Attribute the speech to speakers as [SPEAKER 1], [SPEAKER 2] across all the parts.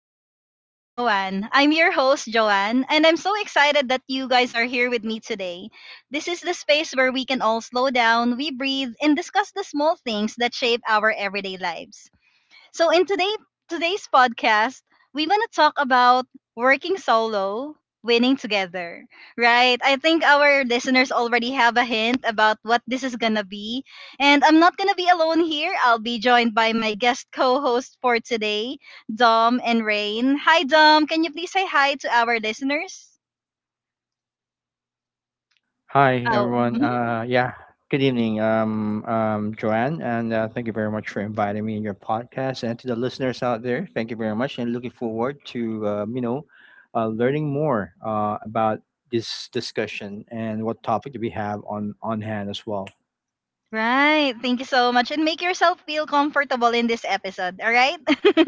[SPEAKER 1] Moments with Joanne. I'm your host, Joanne, and I'm so excited that you guys are here with me today. This is the space where we can all slow down, we breathe, and discuss the small things that shape our everyday lives. So in today's podcast, we want to talk about working solo, winning together, right? I think our listeners already have a hint about what this is going to be. And I'm not going to be alone here. I'll be joined by my guest co-host for today, Dom and Rain. Hi Dom, can you please say hi to our listeners?
[SPEAKER 2] Hi,
[SPEAKER 1] Oh.
[SPEAKER 2] everyone.
[SPEAKER 1] Mhm.
[SPEAKER 2] Yeah, good evening, Joanne, and thank you very much for inviting me in your podcast. And to the listeners out there, thank you very much, and looking forward to learning more about this discussion and what topic do we have on hand as well.
[SPEAKER 1] Right. Thank you so much. And make yourself feel comfortable in this episode. All right.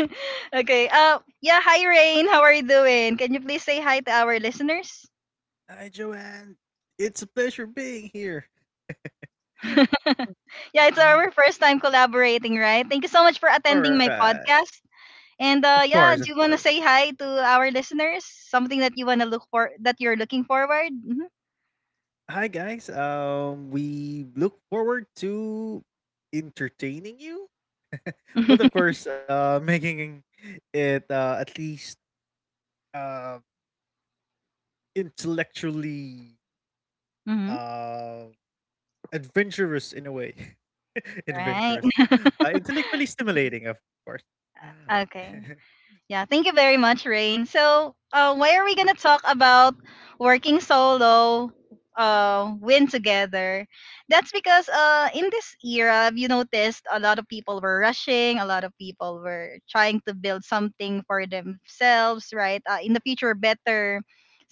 [SPEAKER 1] okay. Yeah, hi Rain. How are you doing? Can you please say hi to our listeners? yeah, it's our first time collaborating, right? Thank you so much for attending my podcast. And yeah, do you wanna say hi to our listeners? Something that you wanna look for that you're looking forward? Mm-hmm. hmm. Right. okay. Yeah, thank you very much, Rain. So, why are we gonna talk about working solo, win together? That's because in this era, you noticed a lot of people were rushing, a lot of people were trying to build something for themselves, right? In the future, better,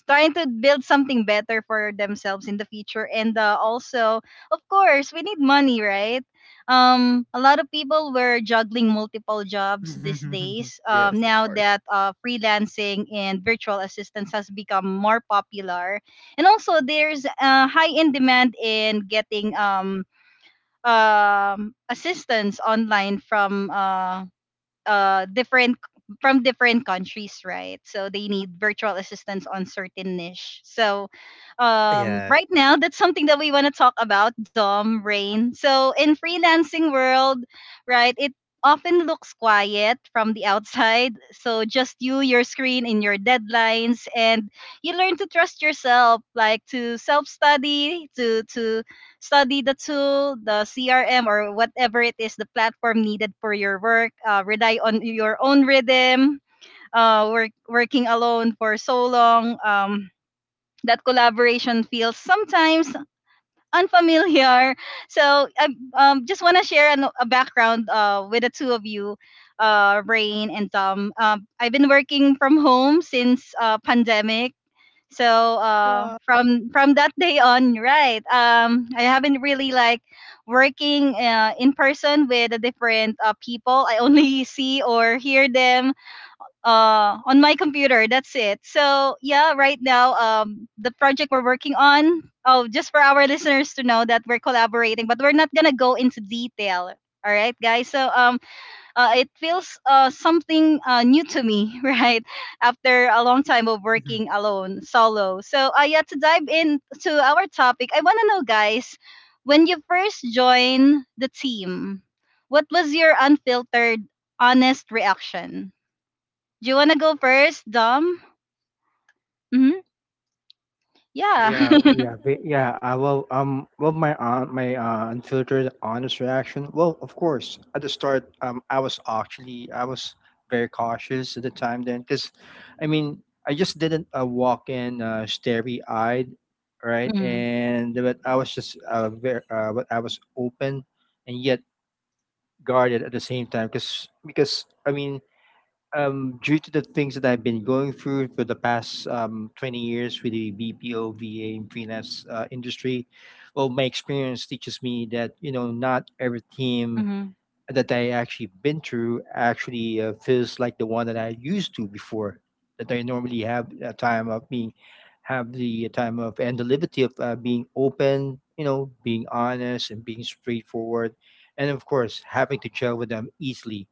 [SPEAKER 1] trying to build something better for themselves in the future, and also, of course, we need money, right? A lot of people were juggling multiple jobs these days, now that freelancing and virtual assistance has become more popular, and also there's high in demand in getting, assistance online uh different from different countries, right? So they need virtual assistants on certain niche. So right now, that's something that we want to talk about, Dom, Rain. So in freelancing world, right, it often looks quiet from the outside. So just you, your screen, and your deadlines, and you learn to trust yourself, like to self-study, to study the tool, the CRM, or whatever it is, the platform needed for your work. Rely on your own rhythm. Working alone for so long. That collaboration feels sometimes unfamiliar. So I just want to share a background with the two of you, Rain and Tom. I've been working from home since pandemic, so from that day on, right, I haven't really, like, working in person with the different people. I only see or hear them on my computer. That's it. So yeah, right now, the project we're working on, oh, just for our listeners to know that we're collaborating, but we're not gonna go into detail. All right, guys. So it feels something new to me, right? After a long time of working alone, solo. So, yeah, to dive into our topic, I want to know, guys, when you first joined the team, what was your unfiltered, honest reaction? Do you want to go first, Dom? Mm-hmm.
[SPEAKER 2] Yeah,
[SPEAKER 1] Yeah.
[SPEAKER 2] yeah, yeah, yeah. I will. Well, my unfiltered, honest reaction. Well, of course, at the start, I was very cautious at the time then, because, I mean, I just didn't walk in starry-eyed, right?
[SPEAKER 1] mm-hmm.
[SPEAKER 2] And but I was just very, but I was open and yet guarded at the same time, because I mean, due to the things that I've been going through for the past 20 years with the BPOVA and freelance industry. Well, my experience teaches me that, not every team
[SPEAKER 1] Mm-hmm.
[SPEAKER 2] that I actually been through actually feels like the one that I used to before, that I normally have the time of, and the liberty of being open, being honest and being straightforward. And of course, having to gel with them easily,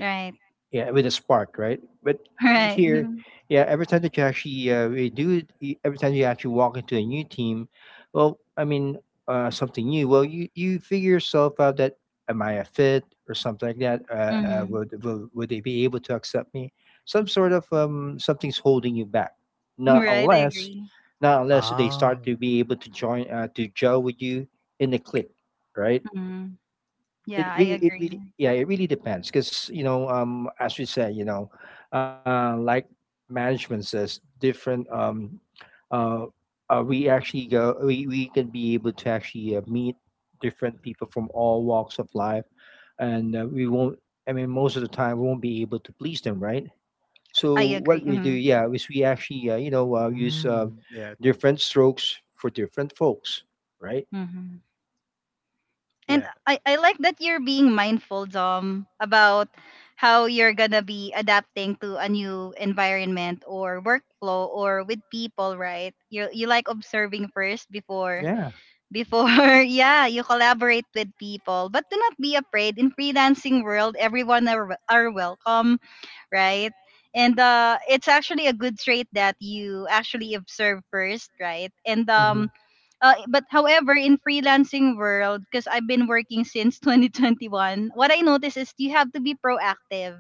[SPEAKER 1] Right.
[SPEAKER 2] yeah, with a spark, right? But
[SPEAKER 1] Right.
[SPEAKER 2] here,
[SPEAKER 1] Mm-hmm.
[SPEAKER 2] yeah, every time that you actually every time you actually walk into a new team, well, I mean, something new. Well, you figure yourself out that am I a fit or something like that.
[SPEAKER 1] Mm-hmm.
[SPEAKER 2] Would they be able to accept me? Some sort of, something's holding you back. not
[SPEAKER 1] Right. I
[SPEAKER 2] unless
[SPEAKER 1] agree.
[SPEAKER 2] not unless they start to be able to join, to gel with you in the clique, right?
[SPEAKER 1] Mm-hmm. Yeah,
[SPEAKER 2] It
[SPEAKER 1] I
[SPEAKER 2] really,
[SPEAKER 1] agree.
[SPEAKER 2] yeah, it really depends, because as we say, like management says different. Um uh, uh we actually go we we can be able to actually meet different people from all walks of life, and we won't I mean, most of the time we won't be able to please them, right?
[SPEAKER 1] I
[SPEAKER 2] So, what we do,
[SPEAKER 1] agree.
[SPEAKER 2] yeah, is we actually use different strokes for different folks, right?
[SPEAKER 1] Mm-hmm. And I like that you're being mindful, Dom, about how you're gonna be adapting to a new environment or workflow or with people, right? You like observing first before
[SPEAKER 2] Yeah. Before. Yeah.
[SPEAKER 1] before yeah, you collaborate with people. But do not be afraid. In freelancing world, everyone are welcome, right? And it's actually a good trait that you actually observe first, right? And but however in freelancing world, because I've been working since 2021, what I notice is you have to be proactive,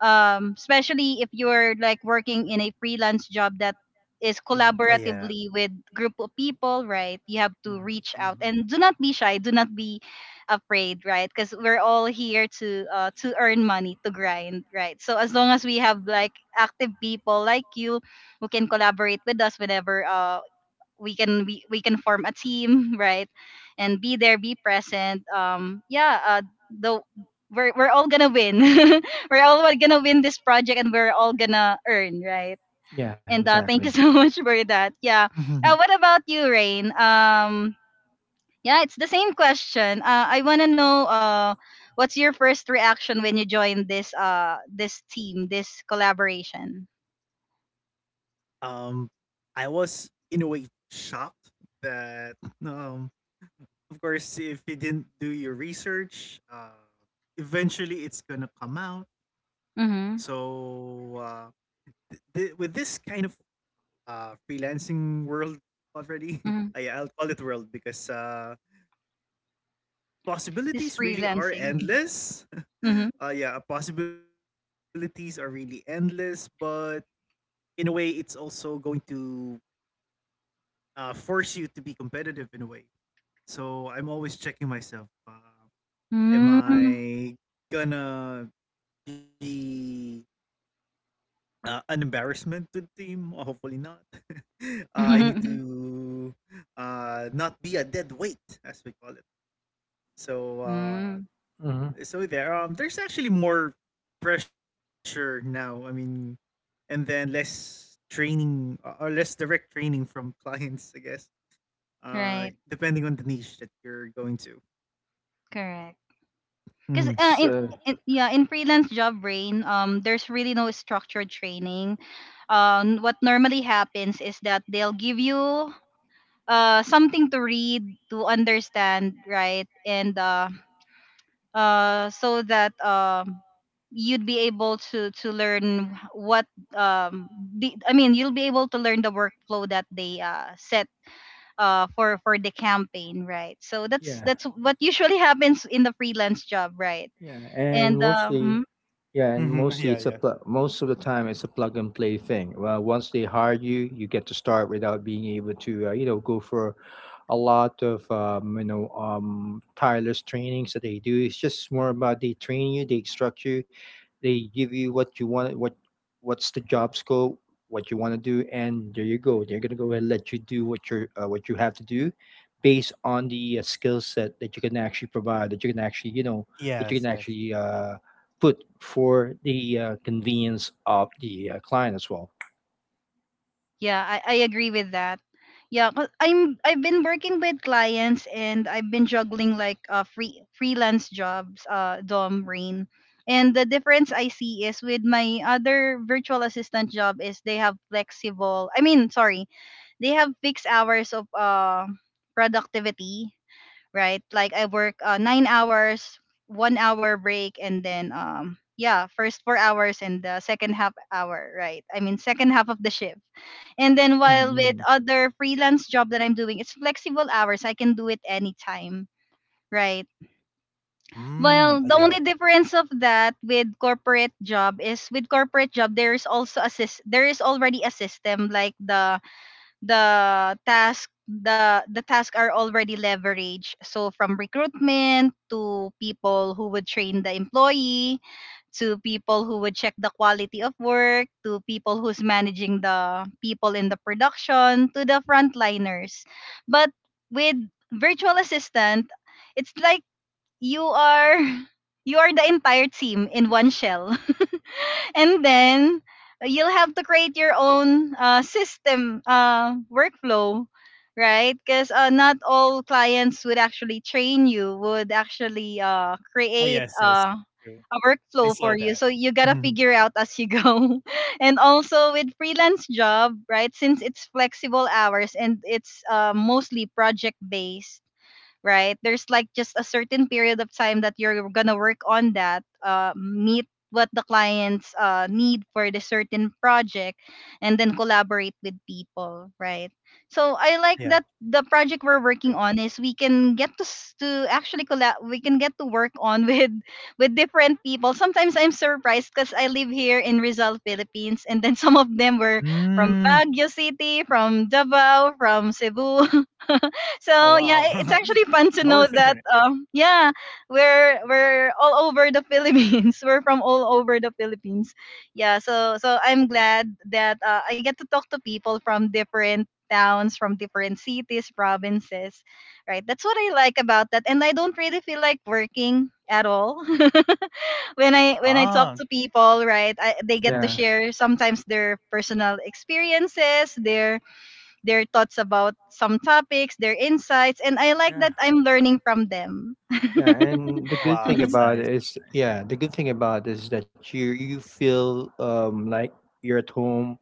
[SPEAKER 1] especially if you're, like, working in a freelance job that is collaboratively with group of people, right, you have to reach out,
[SPEAKER 2] Mm-hmm.
[SPEAKER 1] and do not be shy, do not be afraid, right? Because we're all here to earn money, to grind, right? So as long as we have, like, active people like you who can collaborate with us whenever, we can form a team, right, and be there, be present, yeah, though we're all gonna win. we're all gonna win this project and we're all gonna earn, right.
[SPEAKER 2] Yeah.
[SPEAKER 1] And
[SPEAKER 2] Exactly.
[SPEAKER 1] thank you so much for that. Yeah. What about you, Rain? Yeah, it's the same question. I want to know, what's your first reaction when you joined this team, this collaboration? Mm-hmm. Mm-hmm. This freelancing. mm-hmm. Mm. Mm.
[SPEAKER 2] Mm-hmm.
[SPEAKER 1] Right. Correct. Because
[SPEAKER 2] Because
[SPEAKER 1] uh, in, in yeah in freelance job, brain, there's really no structured training. What normally happens is that they'll give you something to read to understand, right, and so that you'd be able to learn what, um I mean, you'll be able to learn the workflow that they set for the campaign, right. So that's
[SPEAKER 2] yeah.
[SPEAKER 1] that's what usually happens in the freelance job, right.
[SPEAKER 2] Yeah, and
[SPEAKER 1] and uh,
[SPEAKER 2] mostly,
[SPEAKER 1] mm,
[SPEAKER 2] yeah, and
[SPEAKER 3] Mhm,
[SPEAKER 2] mostly
[SPEAKER 3] yeah, yeah.
[SPEAKER 2] most of the time it's a plug and play thing. Well, once they hire you, you get to start without being able to, go for a lot of tireless trainings that they do. It's just more about they train you, they instruct you, they give you what you want, what's the job scope, what you want to do, and there you go. They're gonna go and let you do what you have to do based on the skill set that you can actually provide, that
[SPEAKER 3] Yes,
[SPEAKER 2] you can
[SPEAKER 3] yes.
[SPEAKER 2] actually put for the convenience of the client as well.
[SPEAKER 1] yeah, I agree with that. Yeah, 'cause I've been working with clients, and I've been juggling, like, freelance jobs, Dom, Rain. And the difference I see is with my other virtual assistant job is they have flexible, I mean, sorry, they have fixed hours of productivity. Right? Like, I work 9 hours, 1 hour break, and then yeah, first 4 hours and the second half hour, right? I mean second half of the shift. And then
[SPEAKER 3] Mhm,
[SPEAKER 1] while with
[SPEAKER 3] mhm.
[SPEAKER 1] other freelance job that I'm doing, it's flexible hours. I can do it anytime. Right. Well,
[SPEAKER 3] Mm,
[SPEAKER 1] the
[SPEAKER 3] ah,
[SPEAKER 1] only
[SPEAKER 3] yeah.
[SPEAKER 1] difference of that with corporate job is with corporate job, there is also assist there is already a system like the tasks are already leveraged, so from recruitment to people who would train the employee, to people who would check the quality of work, to people who's managing the people in the production, to the frontliners. But with virtual assistant, it's like you are you are the entire team in one shell, and then you'll have to create your own system, workflow, right, because not all clients would actually train you, would actually
[SPEAKER 3] Ah,
[SPEAKER 1] create
[SPEAKER 3] yes, yes. True.
[SPEAKER 1] a
[SPEAKER 3] I
[SPEAKER 1] workflow for
[SPEAKER 3] saw
[SPEAKER 1] you, so
[SPEAKER 3] that.
[SPEAKER 1] you gotta
[SPEAKER 3] Mhm.
[SPEAKER 1] figure out as you go. and also with freelance job, right, since it's flexible hours and it's mostly project based, right? There's, like, just a certain period of time that you're gonna work on that, meet what the clients need for the certain project, and then collaborate with people, right? So I like that
[SPEAKER 3] Yeah,
[SPEAKER 1] the
[SPEAKER 3] true.
[SPEAKER 1] project we're working on is we can get to actually collab, we can get to work on with different people. Sometimes I'm surprised because I live here in Rizal, Philippines, and then some of them were from
[SPEAKER 3] Mm.
[SPEAKER 1] Baguio City, from Davao, from Cebu.
[SPEAKER 3] Oh,
[SPEAKER 1] So
[SPEAKER 3] wow.
[SPEAKER 1] yeah, it's actually
[SPEAKER 3] Power of
[SPEAKER 1] fun to
[SPEAKER 3] internet.
[SPEAKER 1] know that, yeah, we're all over the Philippines. We're from all over the Philippines. Yeah, so I'm glad that I get to talk to people from different towns, from different cities, provinces. Right? That's what I like about that, and I don't really feel like working at all when I talk
[SPEAKER 3] Ah,
[SPEAKER 1] to people, right? They get to
[SPEAKER 3] mhm.
[SPEAKER 2] Yeah
[SPEAKER 1] share sometimes their personal experiences, their thoughts about some topics, their insights, and I like
[SPEAKER 2] yeah.
[SPEAKER 1] that I'm learning from them.
[SPEAKER 2] Yeah, and the good thing
[SPEAKER 3] Wow, that's
[SPEAKER 2] about it
[SPEAKER 3] nice.
[SPEAKER 2] is, yeah, the good thing about it is that you feel, like, you're at home,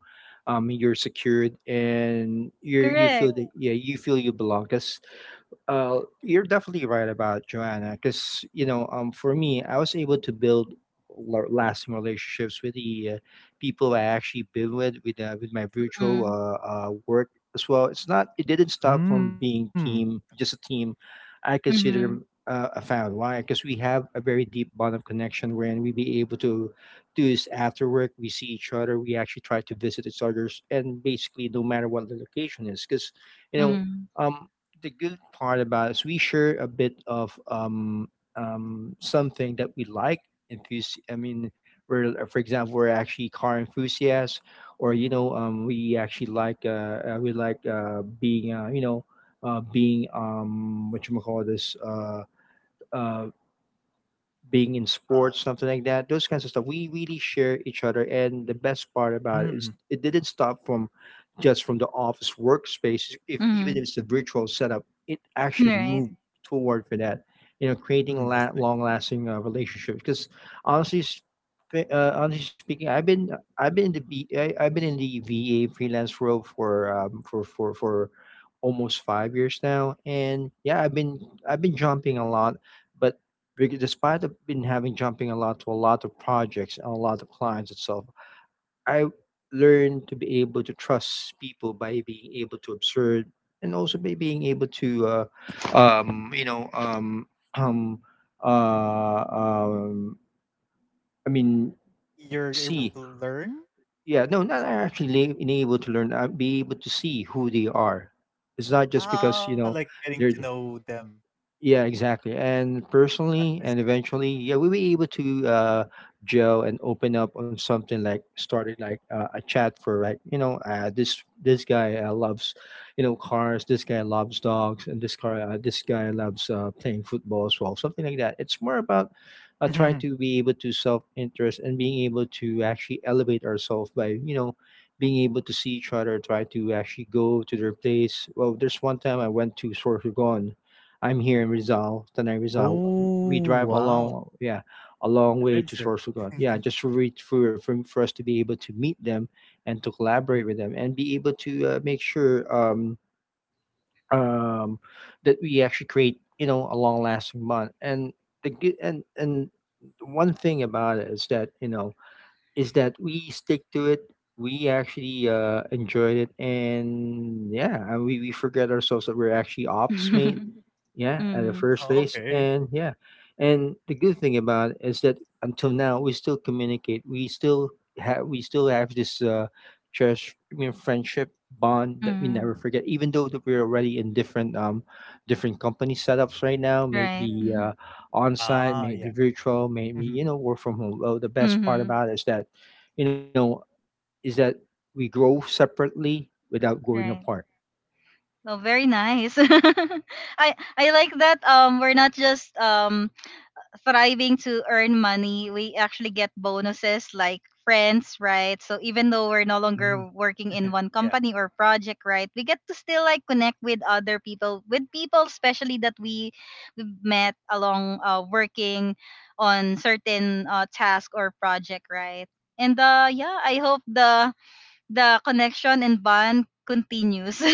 [SPEAKER 2] you're secured, and you feel
[SPEAKER 1] Correct.
[SPEAKER 2] that, yeah, you belong. 'Cause you're definitely right about Joanna, because for me, I was able to build lasting relationships with the people I actually been with with my virtual
[SPEAKER 1] Mm.
[SPEAKER 2] work as well. It didn't stop from
[SPEAKER 3] Mm.
[SPEAKER 2] being team, just a team. I
[SPEAKER 1] Mhm.
[SPEAKER 2] consider a family. Why? Because we have a very deep bond of connection wherein we be able to do this after work. We see each other. We actually try to visit each other's, and basically no matter what the location is, because you know.
[SPEAKER 1] Mhm.
[SPEAKER 2] Um, the good part about us, we share a bit of something that we like. I mean, we're for example, we're actually car enthusiasts, or, you know, we like being, being what you call this uh, being in sports,
[SPEAKER 3] Ah,
[SPEAKER 2] something like that, those kinds of stuff. We really share each other, and the best part about it is
[SPEAKER 3] mm,
[SPEAKER 2] it didn't stop from just from the office workspace. If even if
[SPEAKER 1] Mhm.
[SPEAKER 2] it's a virtual setup, it actually
[SPEAKER 1] Right.
[SPEAKER 2] moved toward for that. You know, creating
[SPEAKER 3] mm, that's nice.
[SPEAKER 2] long-lasting relationships. Because honestly, s- honestly speaking, I've been in the VA freelance world for almost 5 years now, and yeah, I've been jumping a lot. But, despite I've been having jumping a lot to a lot of projects and a lot of clients itself, I learned to be able to trust people by being able to observe, and also by being able to, um, you know, um, um, uh, um, I mean,
[SPEAKER 3] You're able
[SPEAKER 2] see.
[SPEAKER 3] to learn?
[SPEAKER 2] Yeah, no, not actually being able to learn. Be able to see who they are. It's not just because,
[SPEAKER 3] Ah,
[SPEAKER 2] you
[SPEAKER 3] like
[SPEAKER 2] know,
[SPEAKER 3] getting to
[SPEAKER 2] they're,
[SPEAKER 3] know them.
[SPEAKER 2] yeah, exactly. And
[SPEAKER 3] Ah, I
[SPEAKER 2] personally,
[SPEAKER 3] see,
[SPEAKER 2] and
[SPEAKER 3] I
[SPEAKER 2] eventually, yeah, we were able to gel and open up on something, like started like a chat for, like, you know, this guy loves, you know, cars, this guy loves dogs, and this guy loves playing football as well, something like that. It's more about
[SPEAKER 3] see. Mhm,
[SPEAKER 2] trying
[SPEAKER 3] mhm.
[SPEAKER 2] to be able to self interest and being able to actually elevate ourselves by, you know, being able to see each other, try to actually go to their place. Well, there's one time I went to Sorsogon. I'm here in Rizal, Tanay Rizal. We
[SPEAKER 3] Oh,
[SPEAKER 2] drive
[SPEAKER 3] wow.
[SPEAKER 2] along, yeah, a long way to
[SPEAKER 3] Adventure.
[SPEAKER 2] Sorsogon. Yeah, just for, reach for us to be able to meet them, and to collaborate
[SPEAKER 3] Mm.
[SPEAKER 2] with them, and be able to make sure, um, that we actually create, you know, a long lasting bond. And the good and one thing about it is that, you know, is that we stick to it. We actually enjoyed it, and yeah, and we forget ourselves that we're actually office mate. Yeah, at the
[SPEAKER 1] Mhm.
[SPEAKER 2] first
[SPEAKER 3] Oh,
[SPEAKER 2] place.
[SPEAKER 3] okay.
[SPEAKER 2] And yeah, and the good thing about it is that until now we still communicate. We still have this cherish, I mean, friendship bond, that we
[SPEAKER 1] Mhm.
[SPEAKER 2] never forget, even though that we're already in different, different company setups right now. Mm.
[SPEAKER 1] Right.
[SPEAKER 2] Maybe on site,
[SPEAKER 3] Ah,
[SPEAKER 2] may it be
[SPEAKER 3] yeah.
[SPEAKER 2] virtual, may it be,
[SPEAKER 3] Mhm.
[SPEAKER 2] you know, work from home. Well, the best part
[SPEAKER 1] Mm-hmm.
[SPEAKER 2] about it is that, you know, is that we grow separately without growing
[SPEAKER 1] Right.
[SPEAKER 2] apart.
[SPEAKER 1] Oh, very nice. I like that. We're not just thriving to earn money, we actually get bonuses like friends, right? So even though we're no longer
[SPEAKER 3] Mm.
[SPEAKER 1] working in one
[SPEAKER 3] Yeah.
[SPEAKER 1] company or project, right, we get to still, like, connect with other people, with people, especially that we met along working on certain task or project, right? And yeah, I hope the connection and bond continues.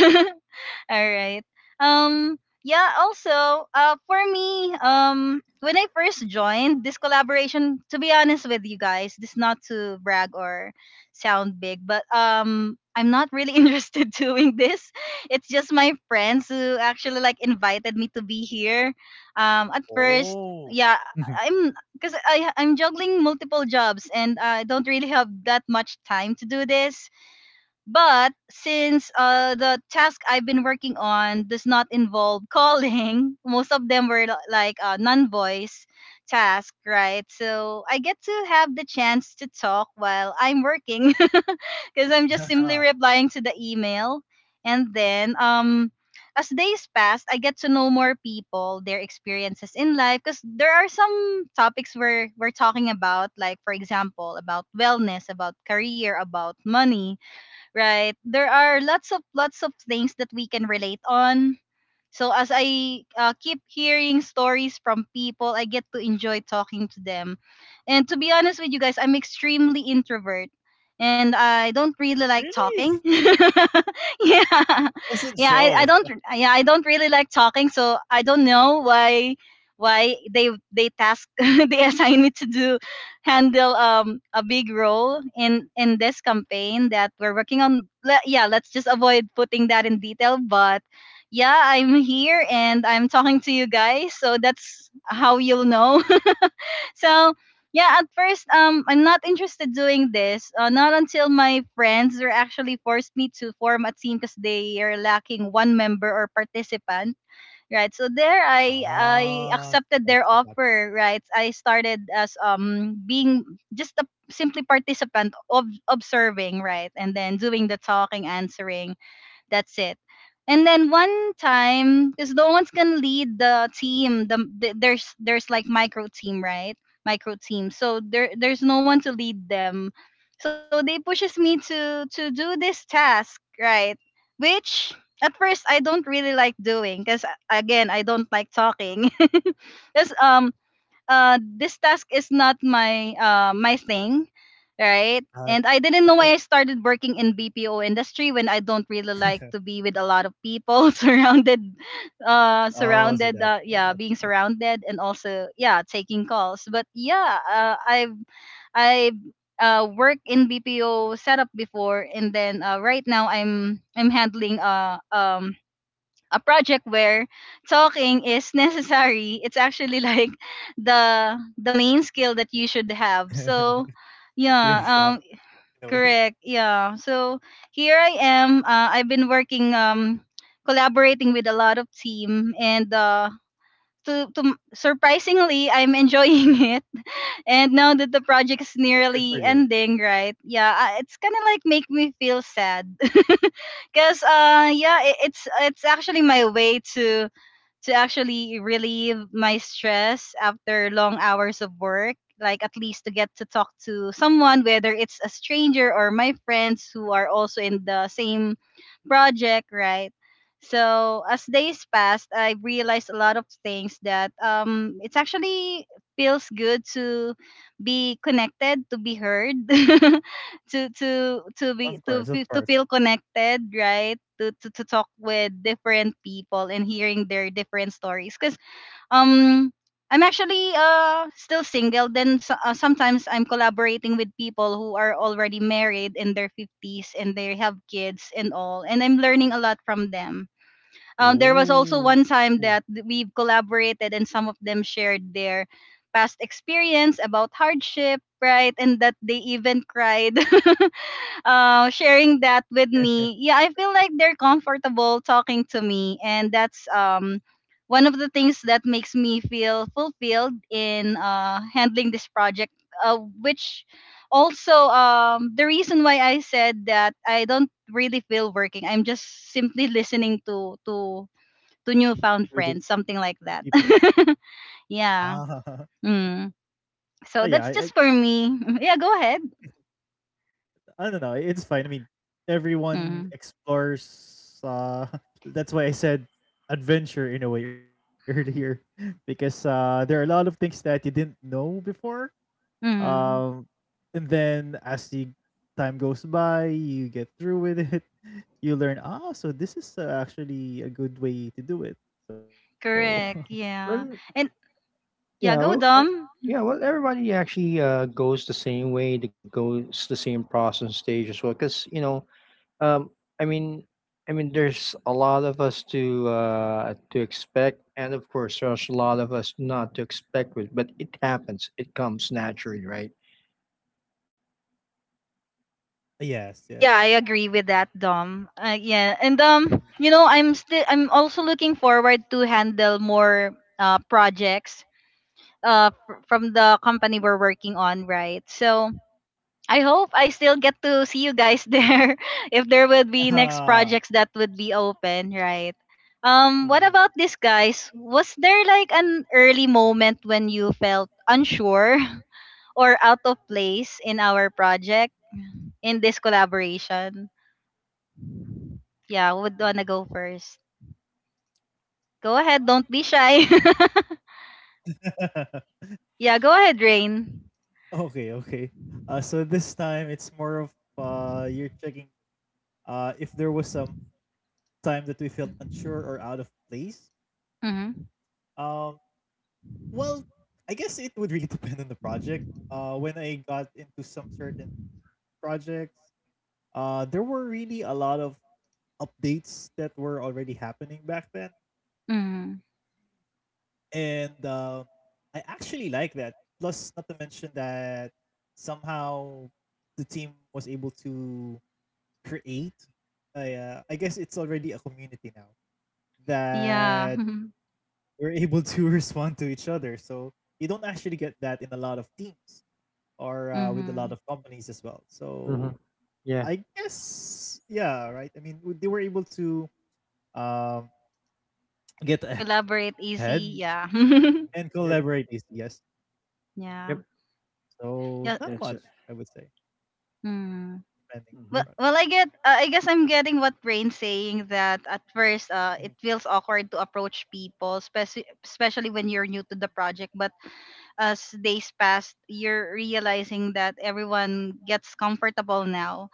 [SPEAKER 1] All right. Um yeah, also, for me, when I first joined this collaboration, to be honest with you guys, this not to brag or sound big, but I'm not really interested doing this. It's just my friends who actually like invited me to be here. At first,
[SPEAKER 3] Oh.
[SPEAKER 1] yeah, I'm because I I'm juggling multiple jobs and I don't really have that much time to do this. But since the task I've been working on does not involve calling, most of them were, like, non-voice task, right? So I get to have the chance to talk while I'm working, because I'm just simply replying to the email, and then As days pass, I get to know more people, their experiences in life, because there are some topics we're talking about, like, for example, about wellness, about career, about money, right? There are lots of things that we can relate on, so as I keep hearing stories from people, I get to enjoy talking to them. And to be honest with you guys, I'm extremely introvert and I don't really like talking.
[SPEAKER 3] Really?
[SPEAKER 1] Yeah.
[SPEAKER 3] Doesn't
[SPEAKER 1] Yeah, I
[SPEAKER 3] show.
[SPEAKER 1] don't yeah, I don't really like talking, so I don't know why they task they assign me to do handle a big role in this campaign that we're working on. Yeah, let's just avoid putting that in detail, but yeah, I'm here and I'm talking to you guys, so that's how you'll know. So, yeah, at first, I'm not interested doing this. Not until my friends were actually forced me to form a team because they are lacking one member or participant, right? So there I
[SPEAKER 3] Ah,
[SPEAKER 1] I
[SPEAKER 3] so that's what
[SPEAKER 1] accepted their
[SPEAKER 3] happened.
[SPEAKER 1] offer, right? I started as being just a simply participant of observing, right? And then doing the talking, answering. That's it. And then one time, because no one's gonna lead the team. There's like micro team, right? Micro team. So there's no one to lead them. So they pushes me to do this task, right? Which at first I don't really like doing, because again I don't like talking. Because this task is not my my thing, right, and I didn't know why I started working in BPO industry when I don't really like
[SPEAKER 3] And
[SPEAKER 1] to be with a lot of people surrounded
[SPEAKER 3] oh, so
[SPEAKER 1] uh
[SPEAKER 3] that's why
[SPEAKER 1] surrounded uh
[SPEAKER 3] that's
[SPEAKER 1] yeah, being surrounded, and also, yeah, taking calls, but yeah, I've worked in BPO setup before, and then, right now, I'm handling a project where talking is necessary. It's actually like the main skill that you should have, so yeah.
[SPEAKER 3] you're shocked in a way.
[SPEAKER 1] Correct. Yeah. So here I am. I've been working, collaborating with a lot of team, and surprisingly I'm enjoying it. And now that the project is
[SPEAKER 3] Good for
[SPEAKER 1] nearly
[SPEAKER 3] you.
[SPEAKER 1] ending, right? Yeah, it's kind of like make me feel sad because, yeah, it's actually my way to actually relieve my stress after long hours of work. Like at least to get to talk to someone, whether it's a stranger or my friends who are also in the same project, right? So as days passed, I realized a lot of things that it's actually feels good to be connected, to be heard. to to to be
[SPEAKER 3] Of
[SPEAKER 1] to
[SPEAKER 3] course, of
[SPEAKER 1] fe- to
[SPEAKER 3] course.
[SPEAKER 1] feel connected, right? To talk with different people and hearing their different stories because, um I'm actually, still single then, so, sometimes I'm collaborating with people who are already married in their 50s and they have kids and all, and I'm learning a lot from them. There was also one
[SPEAKER 3] Ooh.
[SPEAKER 1] time that we've collaborated and some of them shared their past experience about hardship, right? And that they even cried. Sharing that with
[SPEAKER 3] To
[SPEAKER 1] me. Yeah, I feel like they're comfortable talking to me, and that's, one of the things that makes me feel fulfilled in handling this project. Which also, the reason why I said that I don't really feel working. I'm just simply listening to newfound
[SPEAKER 3] the
[SPEAKER 1] friends, something
[SPEAKER 3] people.
[SPEAKER 1] like that.
[SPEAKER 3] Ah.
[SPEAKER 1] Yeah. Mm.
[SPEAKER 3] Oh, yeah, I,
[SPEAKER 1] So
[SPEAKER 3] I
[SPEAKER 1] that's just for me. Yeah, go ahead.
[SPEAKER 3] I don't know. It's fine. I mean, everyone
[SPEAKER 1] Mm.
[SPEAKER 3] explores. That's why I said adventure in a way earlier, because there are a lot of things that you didn't know before.
[SPEAKER 1] Mm.
[SPEAKER 3] Um, and then as the time goes by, you get through with it. You learn. Ah, so this is actually a good way to do it. So
[SPEAKER 1] Correct. Yeah.
[SPEAKER 2] Well,
[SPEAKER 1] And Yeah,
[SPEAKER 2] yeah.
[SPEAKER 1] go,
[SPEAKER 2] Well,
[SPEAKER 1] Dom.
[SPEAKER 2] yeah, well, everybody actually goes the same way, that goes the same process stage as well. Because, you know, um, I mean, there's a lot of us to expect, and of course, there's a lot of us not to expect with, but it happens. It comes naturally, right?
[SPEAKER 3] yes, yes.
[SPEAKER 1] Yeah, I agree with that, Dom. Yeah, and, I'm also looking forward to handle more projects from the company we're working on, right? So I hope I still get to see you guys there if there would be next
[SPEAKER 3] Ah.
[SPEAKER 1] projects that would be open, right? What about this, guys? Was there like an early moment when you felt unsure or out of place in our project, in this collaboration? Yeah, who would wanna go first? Go ahead, don't be shy. Yeah, go ahead, Rain.
[SPEAKER 3] Okay, okay. So this time it's more of you're checking if there was some time that we felt unsure or out of place.
[SPEAKER 1] Mm-hmm.
[SPEAKER 3] Um, well, I guess it would really depend on the project. When I got into some certain projects, there were really a lot of updates that were already happening back then,
[SPEAKER 1] Mm-hmm.
[SPEAKER 3] and I actually like that. Plus, not to mention that somehow the team was able to create. I guess it's already a community now
[SPEAKER 1] Yeah.
[SPEAKER 3] that we're able to respond to each other. So you don't actually get that in a lot of teams or with a lot of
[SPEAKER 1] Mm-hmm.
[SPEAKER 3] companies as well. So
[SPEAKER 2] Mm-hmm.
[SPEAKER 3] I
[SPEAKER 2] Yeah.
[SPEAKER 3] guess yeah, right. They were able to um, get ahead
[SPEAKER 1] Collaborate easy. Yeah.
[SPEAKER 3] and collaborate
[SPEAKER 2] Yep.
[SPEAKER 3] easily. Yes. Mhm.
[SPEAKER 2] Yep.
[SPEAKER 1] Yeah.
[SPEAKER 3] So not much,
[SPEAKER 1] Yeah.
[SPEAKER 2] That's
[SPEAKER 3] I
[SPEAKER 2] it.
[SPEAKER 3] would say,
[SPEAKER 1] Mm.
[SPEAKER 3] depending. But
[SPEAKER 2] Mm-hmm.
[SPEAKER 1] Well, well, I get. I guess I'm getting what Rain's saying that at first,
[SPEAKER 3] mhm.
[SPEAKER 1] it
[SPEAKER 3] Of
[SPEAKER 1] feels awkward to approach people, especially when you're new to the project. But as days passed, you're realizing that everyone gets comfortable now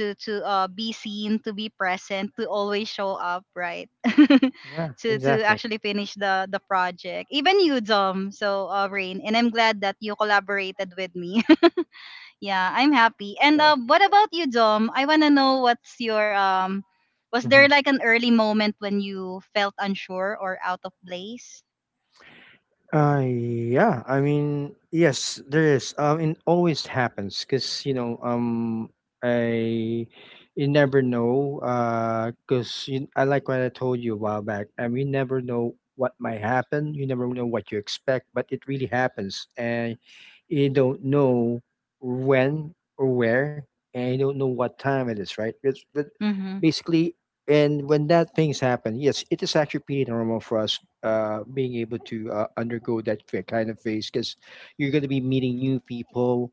[SPEAKER 1] to be seen, to be present, to always show up, right?
[SPEAKER 2] Yeah.
[SPEAKER 1] To
[SPEAKER 2] Exactly.
[SPEAKER 1] actually finish the project, even you, Dom. So, Rain, and I'm glad that you collaborated with me. Yeah, I'm happy. And
[SPEAKER 3] course.
[SPEAKER 1] what about you, Dom? I wanna know what's your. Was there
[SPEAKER 2] Mm-hmm.
[SPEAKER 1] like an early moment when you felt unsure or out of place?
[SPEAKER 2] Yeah. I mean, yes, there is. It always happens because, you know, I you never know. Because I like what I told you a while back, and we never know what might happen. You never know what you expect, but it really happens, and you don't know when or where, and you don't know what time it is, right? It's, but
[SPEAKER 1] Mm-hmm.
[SPEAKER 2] basically. And when that things happen, yes, it is actually pretty normal for us, being able to undergo that kind of phase, because you're going to be meeting new people,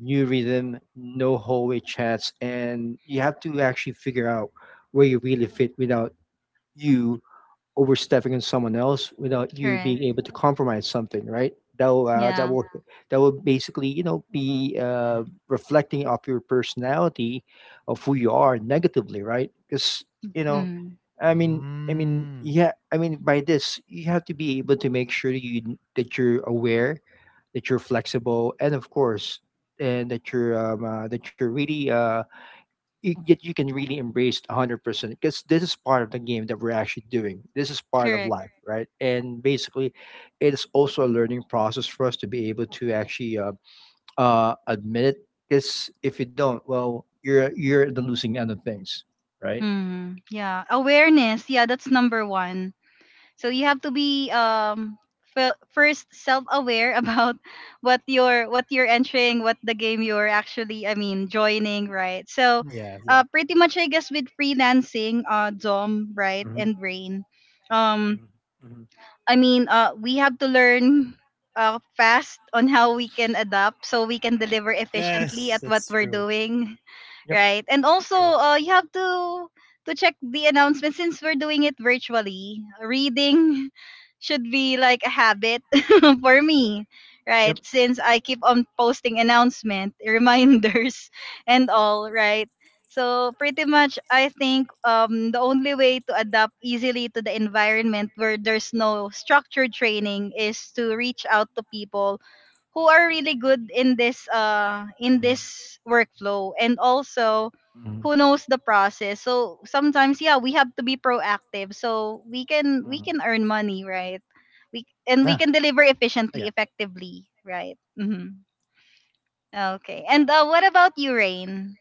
[SPEAKER 2] new rhythm, no hallway chats, and you have to actually figure out where you really fit without you overstepping on someone else, without you
[SPEAKER 1] Correct.
[SPEAKER 2] being able to compromise something, right? That will, uh, that
[SPEAKER 1] Yeah.
[SPEAKER 2] will that will basically, you know, be
[SPEAKER 3] Mhm.
[SPEAKER 2] reflecting of your personality, of who you are negatively, right? Because, you know,
[SPEAKER 1] Mm.
[SPEAKER 3] Mm.
[SPEAKER 2] yeah, I mean, by this you have to be able to make sure that you're aware, that you're flexible, and of course, and that you can really embrace 100%, because this is part of the game that we're actually doing. This is part of
[SPEAKER 1] Correct.
[SPEAKER 2] life, right? And basically it's also a learning process for us to be able to actually admit it, because if you don't, well, you're at the losing end of things, right?
[SPEAKER 1] Hmm. Yeah, awareness. Yeah, that's number one. So you have to be first self-aware about what you're entering, what the game you're actually, I mean, joining, right? So,
[SPEAKER 3] Yeah. Yeah.
[SPEAKER 1] pretty much, I guess with freelancing, Dom, right, and Rain, um, I mean, we have to learn, fast on how we can adapt so we can deliver efficiently
[SPEAKER 3] Yes,
[SPEAKER 1] at what
[SPEAKER 3] that's
[SPEAKER 1] we're
[SPEAKER 3] true.
[SPEAKER 1] doing, right? And also,
[SPEAKER 3] True.
[SPEAKER 1] you have to check the announcement since we're doing it virtually. Reading should be like a habit for me,
[SPEAKER 2] Yep.
[SPEAKER 1] right? Since I keep on posting announcement reminders and all, right? So pretty much, I think, the only way to adapt easily to the environment where there's no structured training is to reach out to people who are really good in this, in this workflow, and also who knows the process. So sometimes, yeah, we have to be proactive so we can earn money, right?
[SPEAKER 2] Yeah,
[SPEAKER 1] We
[SPEAKER 3] Yeah.
[SPEAKER 1] can deliver efficiently, effectively, right? Mm-hmm. Okay. And what about you, Rain?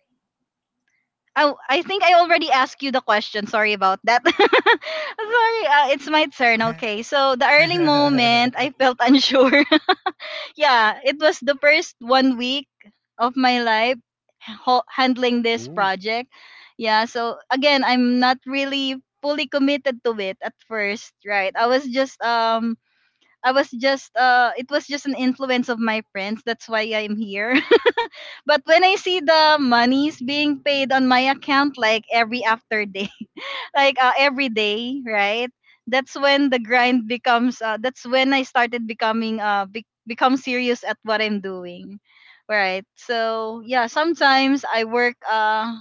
[SPEAKER 1] Oh, I think I already asked you the question. Sorry about that. Sorry, it's my turn. Okay, so the early moment, I felt unsure. Yeah, it was the first one week of my life handling this
[SPEAKER 3] Ooh.
[SPEAKER 1] project. Yeah, so again, I'm not really fully committed to it at first, right? I was just it was just an influence of my friends. That's why I'm here. But when I see the monies being paid on my account, like every after day, like, every day, right? That's when the grind becomes. That's when I started becoming become serious at what I'm doing, right? So yeah, sometimes I work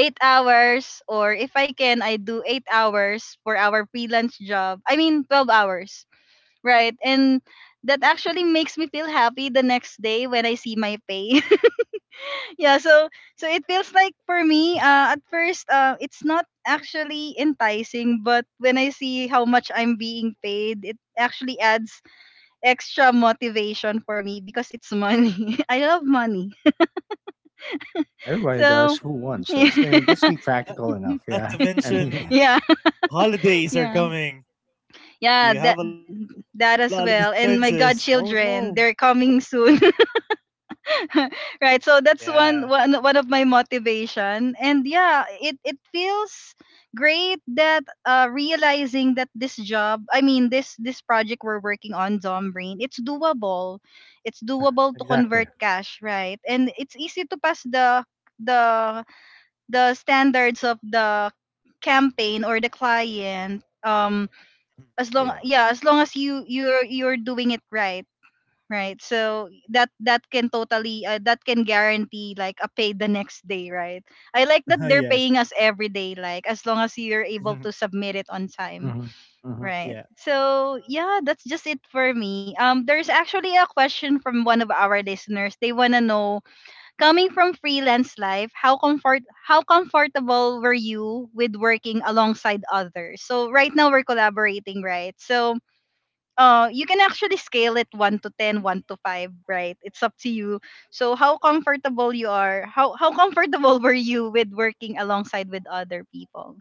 [SPEAKER 1] 8 hours, or if I can, I do 8 hours for our freelance job. I mean, 12 hours, right? And that actually makes me feel happy the next day when I see my pay. Yeah, so it feels like for me, at first, it's not actually enticing, but when I see how much I'm being paid, it actually adds extra motivation for me because it's money. I love money.
[SPEAKER 2] I mean, everybody does
[SPEAKER 1] So.
[SPEAKER 2] who wants,
[SPEAKER 1] Yeah,
[SPEAKER 2] that's, I mean, just be practical enough.
[SPEAKER 3] Not to
[SPEAKER 2] Yeah, I mean,
[SPEAKER 3] mention
[SPEAKER 1] yeah,
[SPEAKER 3] holidays are
[SPEAKER 1] yeah,
[SPEAKER 3] coming.
[SPEAKER 1] yeah,
[SPEAKER 3] You have
[SPEAKER 1] that
[SPEAKER 3] a lot of
[SPEAKER 1] that as
[SPEAKER 3] expenses. Oh
[SPEAKER 1] well, and my
[SPEAKER 3] no.
[SPEAKER 1] godchildren they're coming soon. Right, so that's
[SPEAKER 3] Yeah.
[SPEAKER 1] one of my motivation, and yeah, it feels great that, realizing that this job, I mean, this project we're working on Zombrain. It's doable. It's
[SPEAKER 2] yeah,
[SPEAKER 1] doable to
[SPEAKER 2] exactly.
[SPEAKER 1] convert cash, right? And it's easy to pass the the standards of the campaign or the client, as
[SPEAKER 3] Mm,
[SPEAKER 1] long,
[SPEAKER 3] yeah.
[SPEAKER 1] yeah, as long as you're doing it right, right? So that can totally, that can guarantee like a pay the next day, right? I like that they're
[SPEAKER 3] Yes.
[SPEAKER 1] paying us every day, like, as long as you're able
[SPEAKER 3] Mhm,
[SPEAKER 1] to submit it on time, right?
[SPEAKER 3] yeah.
[SPEAKER 1] So yeah, that's just it for me. There's actually a question from one of our listeners. They want to know, coming from freelance life, how comfortable were you with working alongside others? So right now we're collaborating, right? So, you can actually scale it 1 to 10, one to 5, right? It's up to you. So how comfortable you are, how comfortable were you with working alongside with other people.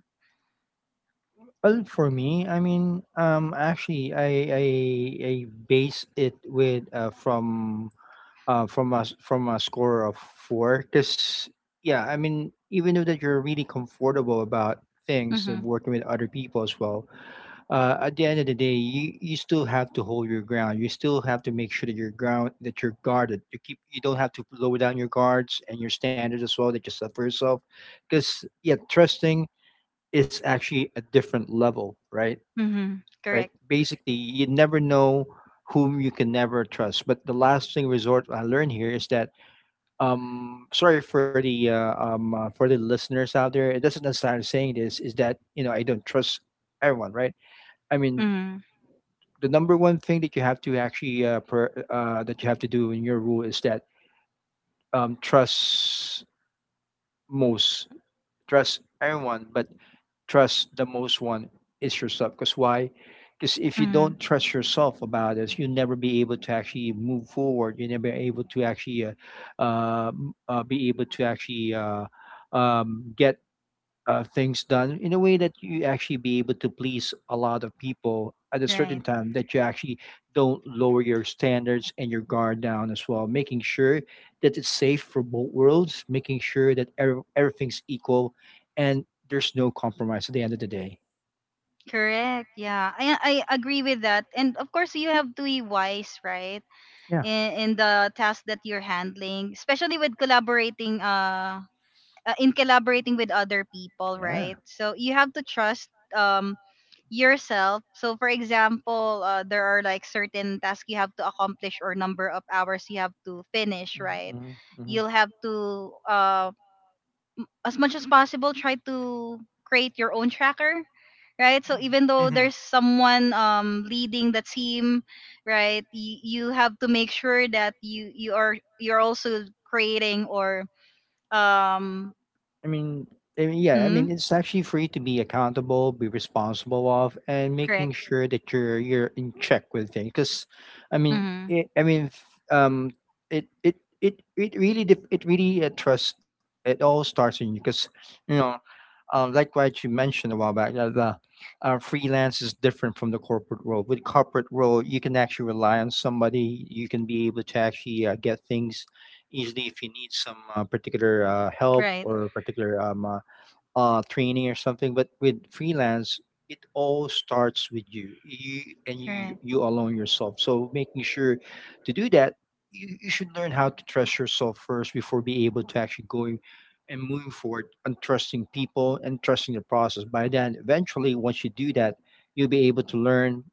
[SPEAKER 2] Well,
[SPEAKER 3] Mm.
[SPEAKER 2] for me, I I, base it with from a score of four. Because yeah, I mean, even though that you're really comfortable about things and
[SPEAKER 1] Mm-hmm.
[SPEAKER 2] working with other people as well, at the end of the day, you still have to hold your ground. You still have to make sure that your ground that you're guarded. You keep you don't have to lower down your guards and your standards as well that you set for yourself. Because yeah, trusting is actually a different level, right?
[SPEAKER 1] Mm-hmm.
[SPEAKER 2] Right.
[SPEAKER 1] Correct.
[SPEAKER 2] Basically, you never know whom you can never trust. But the last thing resort I learned here is that sorry for the listeners out there, it doesn't necessarily saying this is that I don't trust everyone, right? I mean,
[SPEAKER 1] Mm-hmm.
[SPEAKER 2] the number one thing that you have to actually that you have to do in your rule is that trust most trust everyone but trust the most one is yourself. Because why? Because if you
[SPEAKER 1] Mm-hmm.
[SPEAKER 2] don't trust yourself about this, you'll never be able to actually move forward. You'll never be able to actually uh, be able to actually get things done in a way that you actually be able to please a lot of people at a certain
[SPEAKER 1] Right.
[SPEAKER 2] time that you actually don't lower your standards and your guard down as well, making sure that it's safe for both worlds, making sure that everything's equal and there's no compromise at the end of the day.
[SPEAKER 1] Correct. Yeah, I agree with that and of course, you have to be wise, right?
[SPEAKER 2] Yeah,
[SPEAKER 1] In the task that you're handling, especially with collaborating, in collaborating with other people, right? So you have to trust, um yourself. So for example, there are like certain tasks you have to accomplish or number of hours you have to finish, right? You'll have to as much as possible try to create your own tracker, right? So even though
[SPEAKER 3] Mhm.
[SPEAKER 1] there's someone leading the team, right? You have to make sure that you're also creating or um
[SPEAKER 2] I mean, I mean, yeah, I
[SPEAKER 1] mhm,
[SPEAKER 2] mean, it's actually free to be accountable, be responsible of, and making
[SPEAKER 1] correct.
[SPEAKER 2] sure that you're in check with things. Because, I mean,
[SPEAKER 1] Mm-hmm.
[SPEAKER 2] it, I mean, f- um, it it it it really trust. It all starts in you because, you know, like what you mentioned a while back, the freelance is different from the corporate world. With corporate world, you can actually rely on somebody. You can be able to actually get things easily if you need some particular help
[SPEAKER 1] Right.
[SPEAKER 2] or particular training or something. But with freelance, it all starts with you, you and you
[SPEAKER 1] Correct.
[SPEAKER 2] you alone yourself. So making sure to do that, you should learn how to trust yourself first before being able to actually go and move forward and trusting people and trusting the process. By then, eventually, once you do that, you'll be able to learn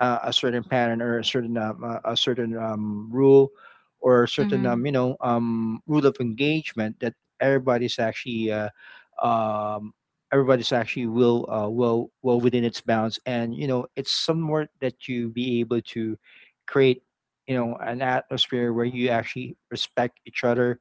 [SPEAKER 2] a certain pattern or a certain rule or a certain
[SPEAKER 1] Mm-hmm.
[SPEAKER 2] rule of engagement that um, everybody's actually will well well within its bounds, and you know it's somewhat that you be
[SPEAKER 3] Mhm.
[SPEAKER 2] able
[SPEAKER 3] Mhm.
[SPEAKER 2] to create, you know, an atmosphere where you actually respect each other,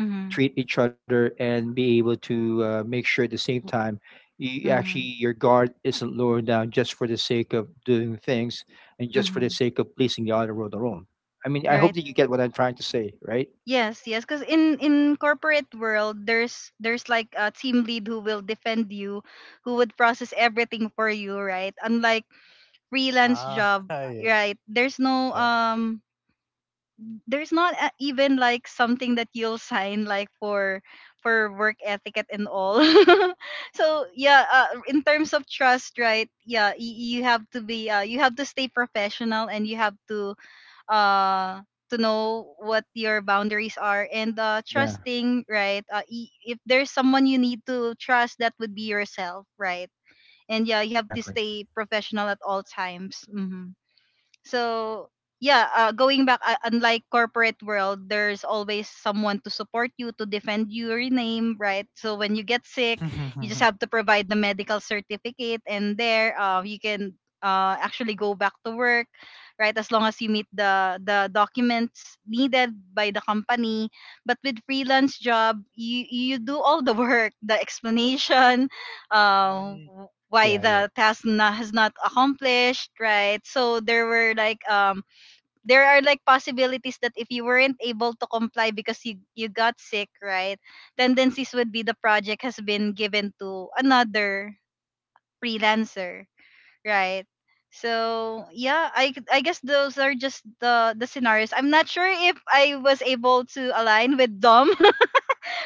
[SPEAKER 1] Mm-hmm.
[SPEAKER 2] treat each other, and be able to make sure at the same time you actually
[SPEAKER 1] Mm-hmm.
[SPEAKER 2] your guard isn't lowered down just for the sake of doing things and just for the
[SPEAKER 1] Mm-hmm.
[SPEAKER 2] sake of pleasing the other world alone. I mean, I hope
[SPEAKER 1] Right.
[SPEAKER 2] that you get what I'm trying to say, right?
[SPEAKER 1] Yes, yes, because in corporate world, there's like a team lead who will defend you, who would process everything for you, right? Unlike freelance
[SPEAKER 3] Ah,
[SPEAKER 1] job,
[SPEAKER 3] yeah.
[SPEAKER 1] right? There's no there's not a, even like something that you'll sign like for work etiquette and all so yeah, in terms of trust, right, yeah, you have to be you have to stay professional and you have uh to know what your boundaries are, and trusting, right? If there's someone you need to trust, that would be yourself, right? And yeah, you have to stay professional at all times. Hmm. So yeah, going back, unlike corporate world, there's always someone to support you, to defend your name, right? So when you get sick, you just have to provide the medical certificate, and there, you can actually go back to work, right? As long as you meet the documents needed by the company. But with freelance job, you do all the work, the explanation,
[SPEAKER 3] Mm.
[SPEAKER 1] why
[SPEAKER 3] Yeah, yeah.
[SPEAKER 1] the task na, has not accomplished, right? So there were like there are like possibilities that if you weren't able to comply because you got sick, right? Tendencies would be the project has been given to another freelancer, right? So yeah, I guess those are just the scenarios. I'm not sure if I was able to align with Dom,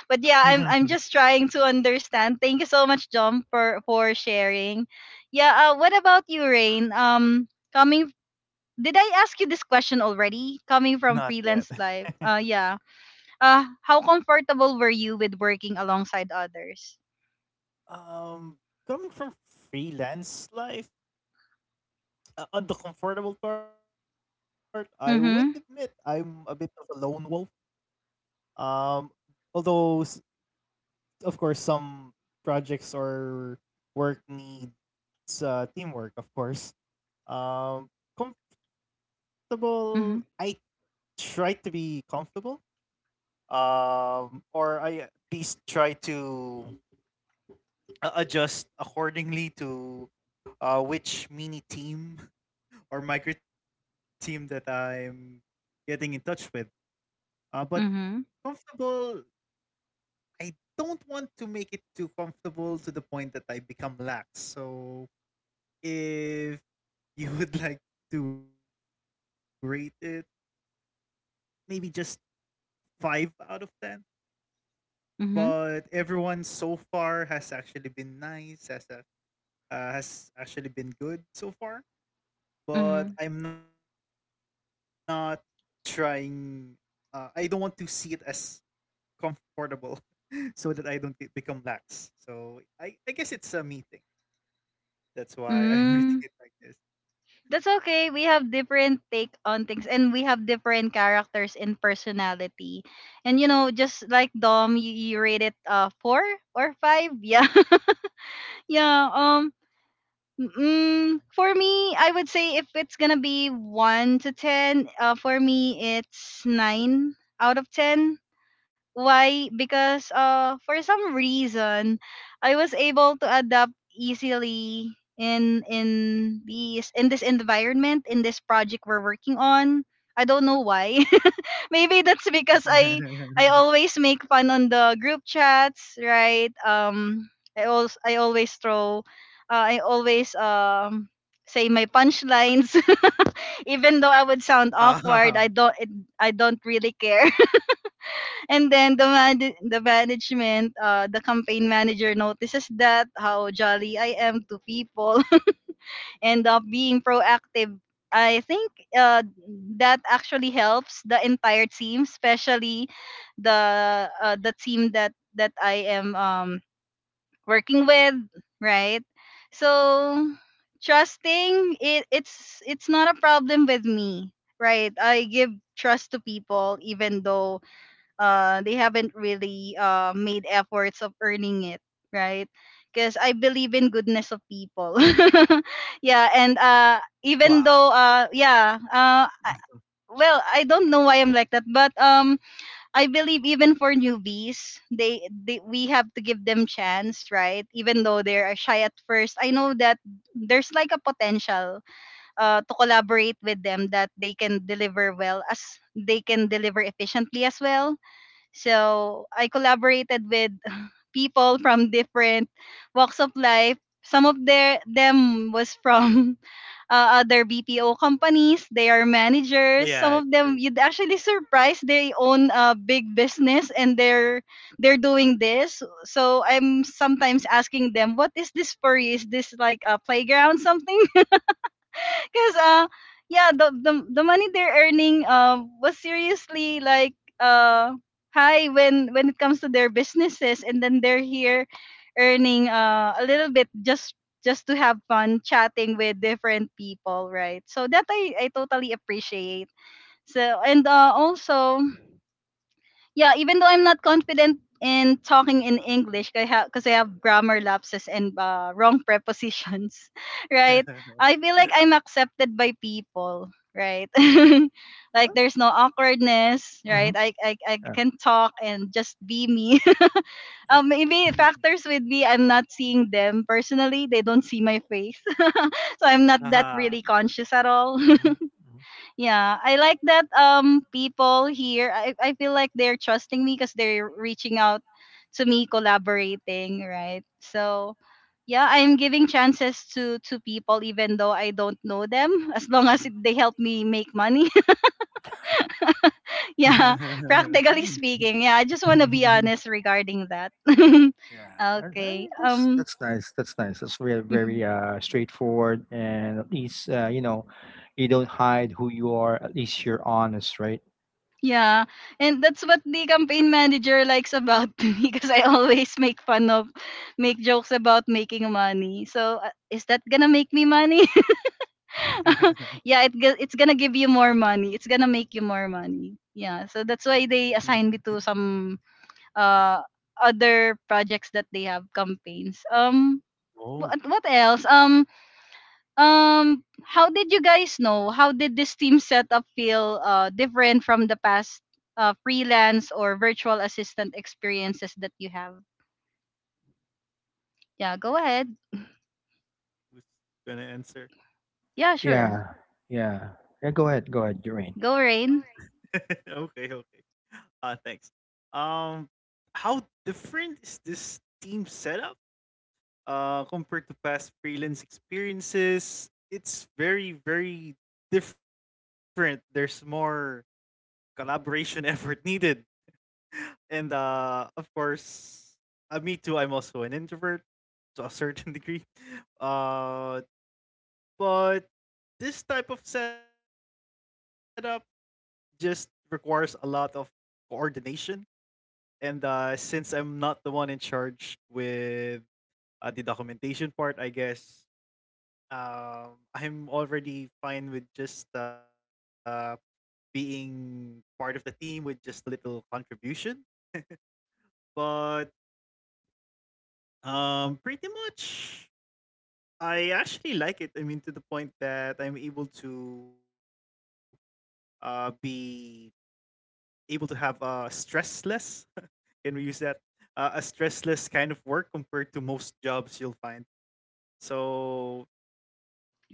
[SPEAKER 1] but yeah, I'm just trying to understand. Thank you so much, John, for sharing. Yeah, what about you, Rain? Coming. Did I ask you this question already? Coming from
[SPEAKER 3] Not yet.
[SPEAKER 1] freelance life. Yeah. How comfortable were you with working alongside others?
[SPEAKER 3] Um, coming from freelance life, on the comfortable part, I would admit I'm a
[SPEAKER 1] Mm-hmm.
[SPEAKER 3] bit of a lone wolf. Um, although of course some projects or work needs teamwork of course, um comfortable, I
[SPEAKER 1] Mm-hmm.
[SPEAKER 3] try to be comfortable, um, or I at least try to adjust accordingly to which mini team or micro team that I'm getting in touch with. But
[SPEAKER 1] Mm-hmm.
[SPEAKER 3] comfortable, I don't want to make it too comfortable to the point that I become lax. So if you would like to rate it, maybe just five out of ten.
[SPEAKER 1] Mm-hmm.
[SPEAKER 3] But everyone so far has actually been nice, has actually been good so far. But
[SPEAKER 1] Mm-hmm.
[SPEAKER 3] I'm not trying. I don't want to see it as comfortable, so that I don't become lax. So I guess it's a me thing. That's why I'm rating
[SPEAKER 1] Mm-hmm.
[SPEAKER 3] it like this.
[SPEAKER 1] That's okay. We have different take on things, and we have different characters and personality. And you know, just like Dom, you rate it four or five. Yeah. Yeah. For me, I would say if it's gonna be one to ten, for me it's nine out of ten. Why? Because for some reason I was able to adapt easily in this environment, in this project we're working on. I don't know why. Maybe that's because I always make fun on the group chats, right? I always throw I always say my punchlines even though I would sound awkward,
[SPEAKER 3] Ah,
[SPEAKER 1] I don't it, I don't really care. And then the the management, the campaign manager notices that how jolly I am to people and being proactive. I think that actually helps the entire team, especially the team that I am working with, right? So trusting, it's not a problem with me, right? I give trust to people even though they haven't really made efforts of earning it, right, because I believe in goodness of people. Yeah, and even
[SPEAKER 3] wow.
[SPEAKER 1] though I- well, I don't know why I'm like that, but I believe even for newbies, they we have to give them chance, right, even though they're shy at first. I know that there's like a potential to collaborate with them, that they can deliver well, as they can deliver efficiently as well. So I collaborated with people from different walks of life. Some of their them was from other BPO companies. They are managers. Some
[SPEAKER 3] Yeah,
[SPEAKER 1] of them you'd actually surprise they own a big business, and they're doing this. So I'm sometimes asking them, what is this for you? Is this like a playground something? Because yeah, the money they're earning was seriously like high when it comes to their businesses, and then they're here earning a little bit just to have fun chatting with different people, right? So that I totally appreciate. So and also yeah, even though I'm not confident in talking in English, because I have, because I have grammar lapses and wrong prepositions, right?
[SPEAKER 3] true.
[SPEAKER 1] I feel like I'm accepted by people, right? Like there's no awkwardness, right? I can talk and just be me. Maybe factors with me, I'm not seeing them personally. They don't see my face, so I'm not that
[SPEAKER 3] Haha.
[SPEAKER 1] really conscious at all. Yeah, I like that people here, I feel like they're trusting me because they're reaching out to me collaborating, right? So yeah, I'm giving chances to people even though I don't know them as long as they help me make money. Yeah, practically speaking. Yeah, I just want to be honest regarding that.
[SPEAKER 2] I mean,
[SPEAKER 1] Okay. Um.
[SPEAKER 2] that's nice. That's nice. That's very very straightforward, and at least you know, you don't hide who you are. At least you're honest, right?
[SPEAKER 1] Yeah, and that's what the campaign manager likes about me because I always make fun of, make jokes about making money. So is that gonna make me money? Yeah, it's gonna give you more money. It's gonna make you more money. Yeah, so that's why they assigned me to some uh other projects that they have campaigns.
[SPEAKER 3] Oh,
[SPEAKER 1] What else? How did you guys know, how did this team setup feel different from the past freelance or virtual assistant experiences that you have? Yeah, go ahead.
[SPEAKER 3] who's gonna answer?
[SPEAKER 1] Yeah, sure.
[SPEAKER 2] Yeah, yeah. Yeah. Go ahead. Go ahead, Doreen.
[SPEAKER 1] Go, Rain.
[SPEAKER 3] Okay, okay. Uh, thanks. Um, how different is this team setup compared to past freelance experiences? It's very, very different. There's more collaboration effort needed. And of course, me too. I'm also an introvert to a certain degree. Uh, but this type of setup just requires a lot of coordination. And since I'm not the one in charge with the documentation part, I guess I'm already fine with just being part of the team with just a little contribution. But pretty much I actually like it. I mean, to the point that I'm able to be able to have a stressless. Can we use that? A stressless kind of work compared to most jobs you'll find. So,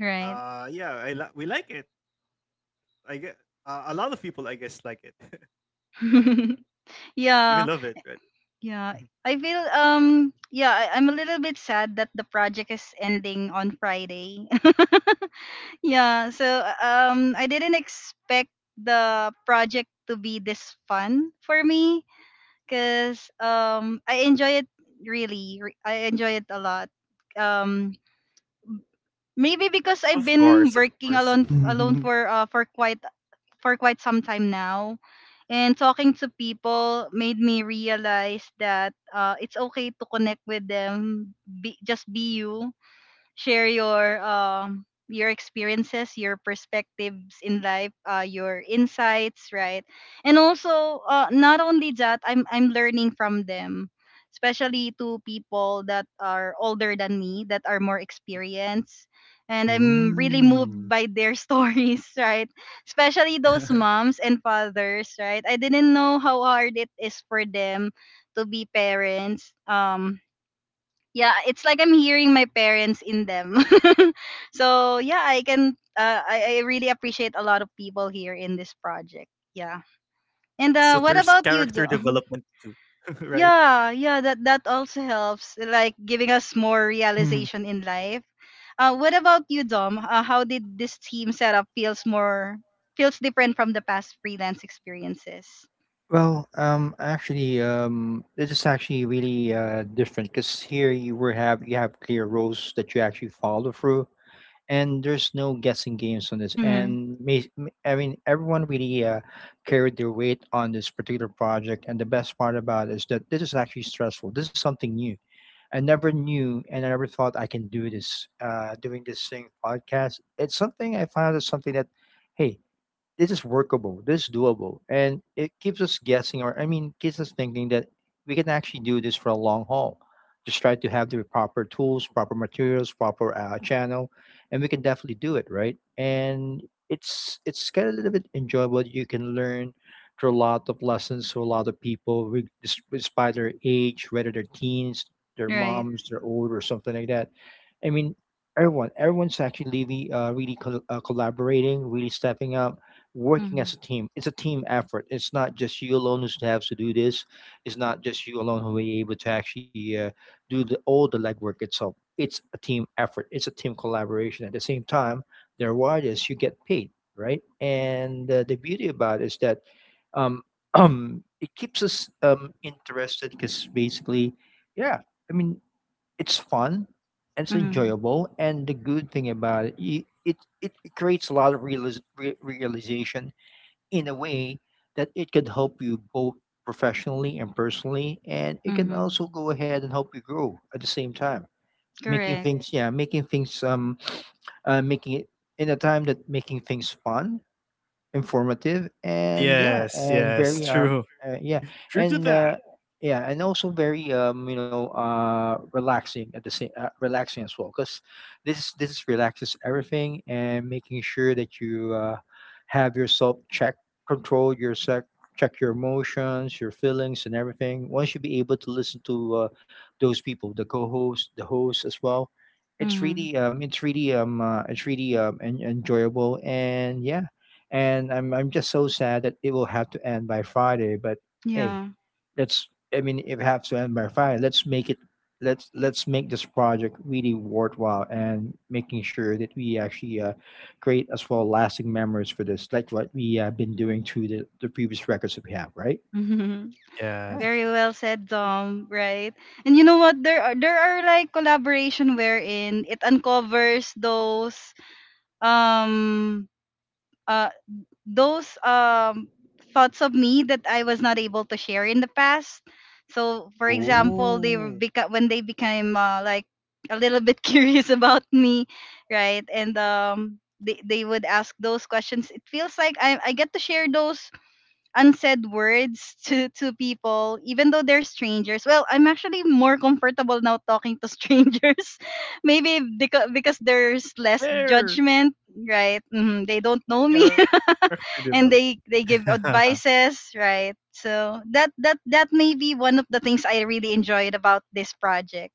[SPEAKER 1] Right.
[SPEAKER 3] yeah, we like it. I guess a lot of people, I guess, like it, or even love it.
[SPEAKER 1] Yeah,
[SPEAKER 3] Right? Mhm.
[SPEAKER 1] yeah, I feel yeah, I'm a little bit sad that the project is ending on Friday. Yeah, so I didn't expect the project to be this fun for me, because I enjoy it really. I enjoy it a lot. Um, maybe because I've
[SPEAKER 3] Of
[SPEAKER 1] been
[SPEAKER 3] course, of
[SPEAKER 1] working
[SPEAKER 3] course.
[SPEAKER 1] alone alone for quite some time now, and talking to people made me realize that it's okay to connect with them. Be, just be you, share your experiences, your perspectives in life, your insights, right? And also, not only that, I'm learning from them, especially to people that are older than me, that are more experienced, and I'm really moved
[SPEAKER 3] Mm.
[SPEAKER 1] by their stories, right? Especially those moms and fathers, right? I didn't know how hard it is for them to be parents. Yeah, it's like I'm hearing my parents in them. So yeah, I can I really appreciate a lot of people here in this project. Yeah,
[SPEAKER 3] So there's
[SPEAKER 1] and
[SPEAKER 3] character
[SPEAKER 1] what about you,
[SPEAKER 3] development
[SPEAKER 1] Do.
[SPEAKER 3] too, right?
[SPEAKER 1] Yeah, yeah, that that also helps, like giving us more
[SPEAKER 3] Mhm.
[SPEAKER 1] realization in life. Uh, what about you, Dom? Uh, how did this team setup feels more feels different from the past freelance experiences?
[SPEAKER 2] Well, this is actually really different because here you were have you have clear rules that you actually follow through, and there's no guessing games on this.
[SPEAKER 1] Mm-hmm.
[SPEAKER 2] And I mean everyone really carried their weight on this particular project. And the best part about it is that this is actually stressful. This is something new. I never knew and I never thought I can do this, doing this thing podcast. It's something I found is something that hey, this is workable, this is doable, and it keeps us guessing, or I mean, keeps us thinking that we can actually do this for a long haul. Just try to have the proper tools, proper materials, proper channel, and we can definitely do it, right? And it's kind of a little bit enjoyable. You can learn through a lot of lessons to a lot of people, despite their age, whether they're teens, their
[SPEAKER 1] Right.
[SPEAKER 2] moms, they're old, or something like that. I mean, everyone's actually really, collaborating, really stepping up, working as a
[SPEAKER 1] Hmm.
[SPEAKER 2] team. It's a team effort. It's not just you alone who has to do this. It's not just you alone who will be able to actually do all the legwork itself. It's a team effort. It's a team collaboration. At the same time, the reward is you get paid, right? And the beauty about it is that um, it keeps us interested because basically, yeah, I mean, it's fun. And it's
[SPEAKER 1] Mm-hmm,
[SPEAKER 2] enjoyable, and the good thing about it, it creates a lot of realization in a way that it could help you both professionally and personally, and it can
[SPEAKER 1] mm-hmm.
[SPEAKER 2] also go ahead and help you grow at the same time, making
[SPEAKER 1] Correct.
[SPEAKER 2] things, yeah, making things making it in a time that making things fun, informative, and yeah,
[SPEAKER 3] Yes,
[SPEAKER 2] and
[SPEAKER 3] yes,
[SPEAKER 2] very
[SPEAKER 3] true.
[SPEAKER 2] yeah.
[SPEAKER 3] True to
[SPEAKER 2] And
[SPEAKER 3] that.
[SPEAKER 2] also very relaxing at the same relaxing as well, because this relaxes everything and making sure that you have yourself check, control your sec check your emotions, your feelings, and everything once you be able to listen to those people, the co-host, the host as well. It's
[SPEAKER 1] Hmm.
[SPEAKER 2] really it's really it's really en- enjoyable, and yeah. And I'm just so sad that it will have to end by Friday. But hey,
[SPEAKER 1] Yeah.
[SPEAKER 2] let's I mean if it has to end by Friday, let's make it, let's make this project really worthwhile and making sure that we actually create as well lasting memories for this, like what we have been doing through the previous records that we have, right?
[SPEAKER 3] Yes.
[SPEAKER 1] Very well said, Dom. Right, and you know what? There are like collaboration wherein it uncovers those um uh those um thoughts of me that I was not able to share in the past. So, for example, they were
[SPEAKER 3] Oh,
[SPEAKER 1] when they became like a little bit curious about me, right? And they would ask those questions. It feels like I get to share those unsaid words to people even though they're strangers. Well, I'm actually more comfortable now talking to strangers maybe because there's less
[SPEAKER 3] there
[SPEAKER 1] judgment, right? Mhm, they don't know me.
[SPEAKER 3] character
[SPEAKER 1] And they
[SPEAKER 3] development.
[SPEAKER 1] give advices, right? So that that that may be one of the things I really enjoyed about this project,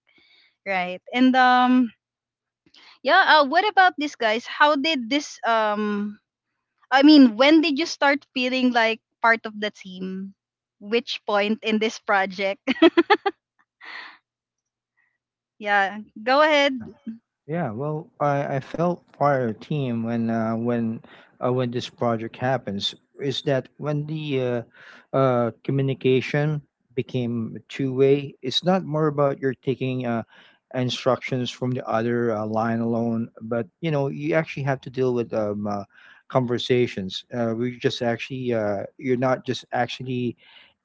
[SPEAKER 1] right? And yeah, what about this, guys? How did this I mean, when did you start feeling like part of the team? Which point in this project? Yeah, go ahead.
[SPEAKER 2] Yeah. Yeah, well, I felt part of the team when when this project happens is that when the communication became two way. It's not more about you're taking instructions from the other line alone, but you know you actually have to deal with conversations. We just actually you're not just actually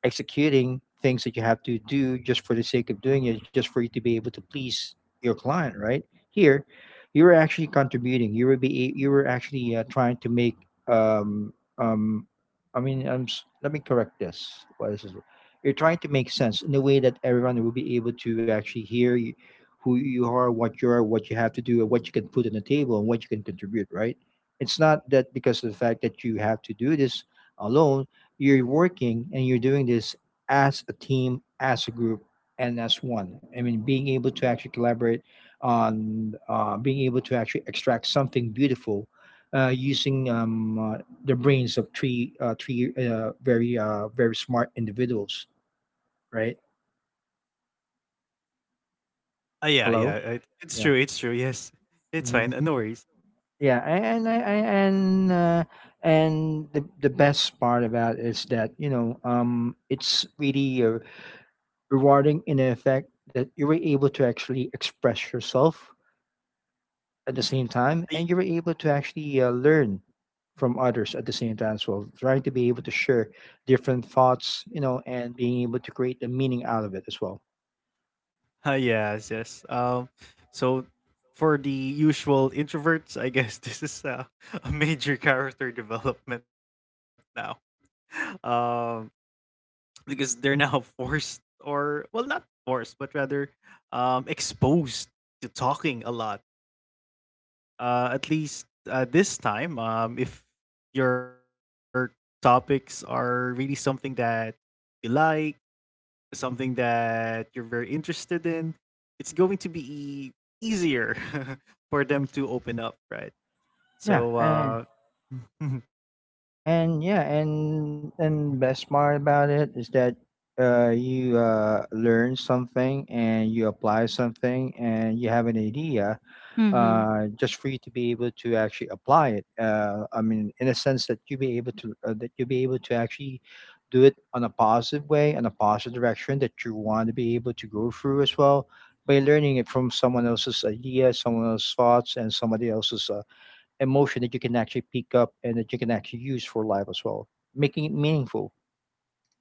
[SPEAKER 2] executing things that you have to do just for the sake of doing it, just for you to be able to please your client, right? Here, you were actually contributing. You were be you were actually trying to make um um I mean let me correct this. What is this? You're trying to make sense in a way that everyone will be able to actually hear you, who you are, what you are, what you have to do, and what you can put on the table and what you can contribute. Right? It's not that because of the fact that you have to do this alone. You're working and you're doing this as a team, as a group, and as one. I mean, being able to actually collaborate on being able to actually extract something beautiful using the brains of three very smart individuals. Right?
[SPEAKER 3] Yeah,
[SPEAKER 2] Hello.
[SPEAKER 3] yeah, it's true, it's true. Yes, it's
[SPEAKER 2] Mhm.
[SPEAKER 3] fine. Uh, no worries.
[SPEAKER 2] Yeah, and I and uh, and the best part about it is that you know it's really rewarding in the effect that you were able to actually express yourself at the same time,
[SPEAKER 3] Y-
[SPEAKER 2] and you were able to actually learn from others at the same time as well, trying to be able to share different thoughts, you know, and being able to create the meaning out of it as well.
[SPEAKER 3] Yes, yes. So for the usual introverts, I guess this is a, a major character development now, um, because they're now forced, or well, not forced, but rather exposed to talking a lot. At least this time, if your topics are really something that you like, something that you're very interested in, it's going to be easier for them to open up, right?
[SPEAKER 2] Yeah.
[SPEAKER 3] So,
[SPEAKER 2] and Yeah, and yeah, and and best part about it is that you learn something and you apply something and you have an idea
[SPEAKER 1] Mm-hmm.
[SPEAKER 2] just for you to be able to actually apply it, I mean in a sense that you be able to that you be able to actually do it on a positive way and a positive direction that you want to be able to go through as well by learning it from someone else's idea, someone else's thoughts, and somebody else's emotion that you can actually pick up and that you can actually use for life as well, making it meaningful.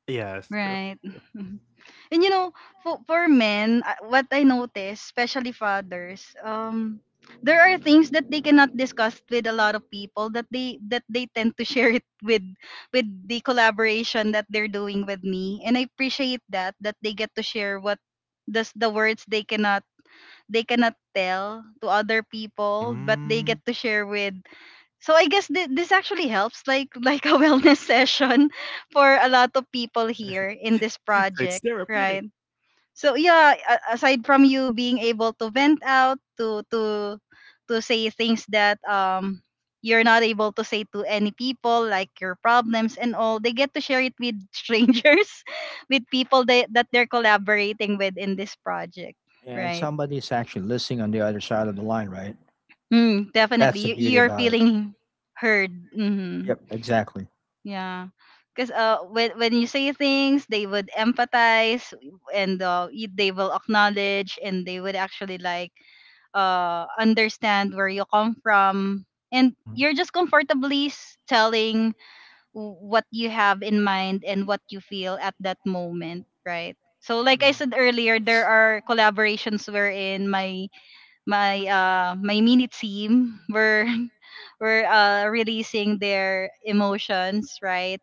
[SPEAKER 3] yeah, it's true.
[SPEAKER 1] Right. Mhm. And you know, for men, what I notice, especially fathers, there are things that they cannot discuss with a lot of people, that they tend to share it with the collaboration that they're doing with me, and I appreciate that that they get to share what does the words they cannot tell to other people, but they get
[SPEAKER 3] Mm.
[SPEAKER 1] to share with. So I guess this actually helps, like like a wellness session for a lot of people here in this
[SPEAKER 3] So it's
[SPEAKER 1] project, right?
[SPEAKER 3] therapeutic.
[SPEAKER 1] So yeah, aside from you being able to vent out to say things that you're not able to say to any people, like your problems and all, they get to share it with strangers, with people that they're collaborating with in this project,
[SPEAKER 2] And
[SPEAKER 1] right?
[SPEAKER 2] somebody is actually listening on the other side of the line, right?
[SPEAKER 1] Mm, definitely.
[SPEAKER 2] That's the
[SPEAKER 1] You,
[SPEAKER 2] beauty
[SPEAKER 1] you're
[SPEAKER 2] about it.
[SPEAKER 1] feeling heard. Hmm.
[SPEAKER 2] Yep, exactly.
[SPEAKER 1] Yeah. Because when you say things, they would empathize and they will acknowledge and they would actually like understand where you come from. And you're just comfortably telling what you have in mind and what you feel at that moment, right? So, like I said earlier, there are collaborations wherein my mini team were were releasing their emotions, right?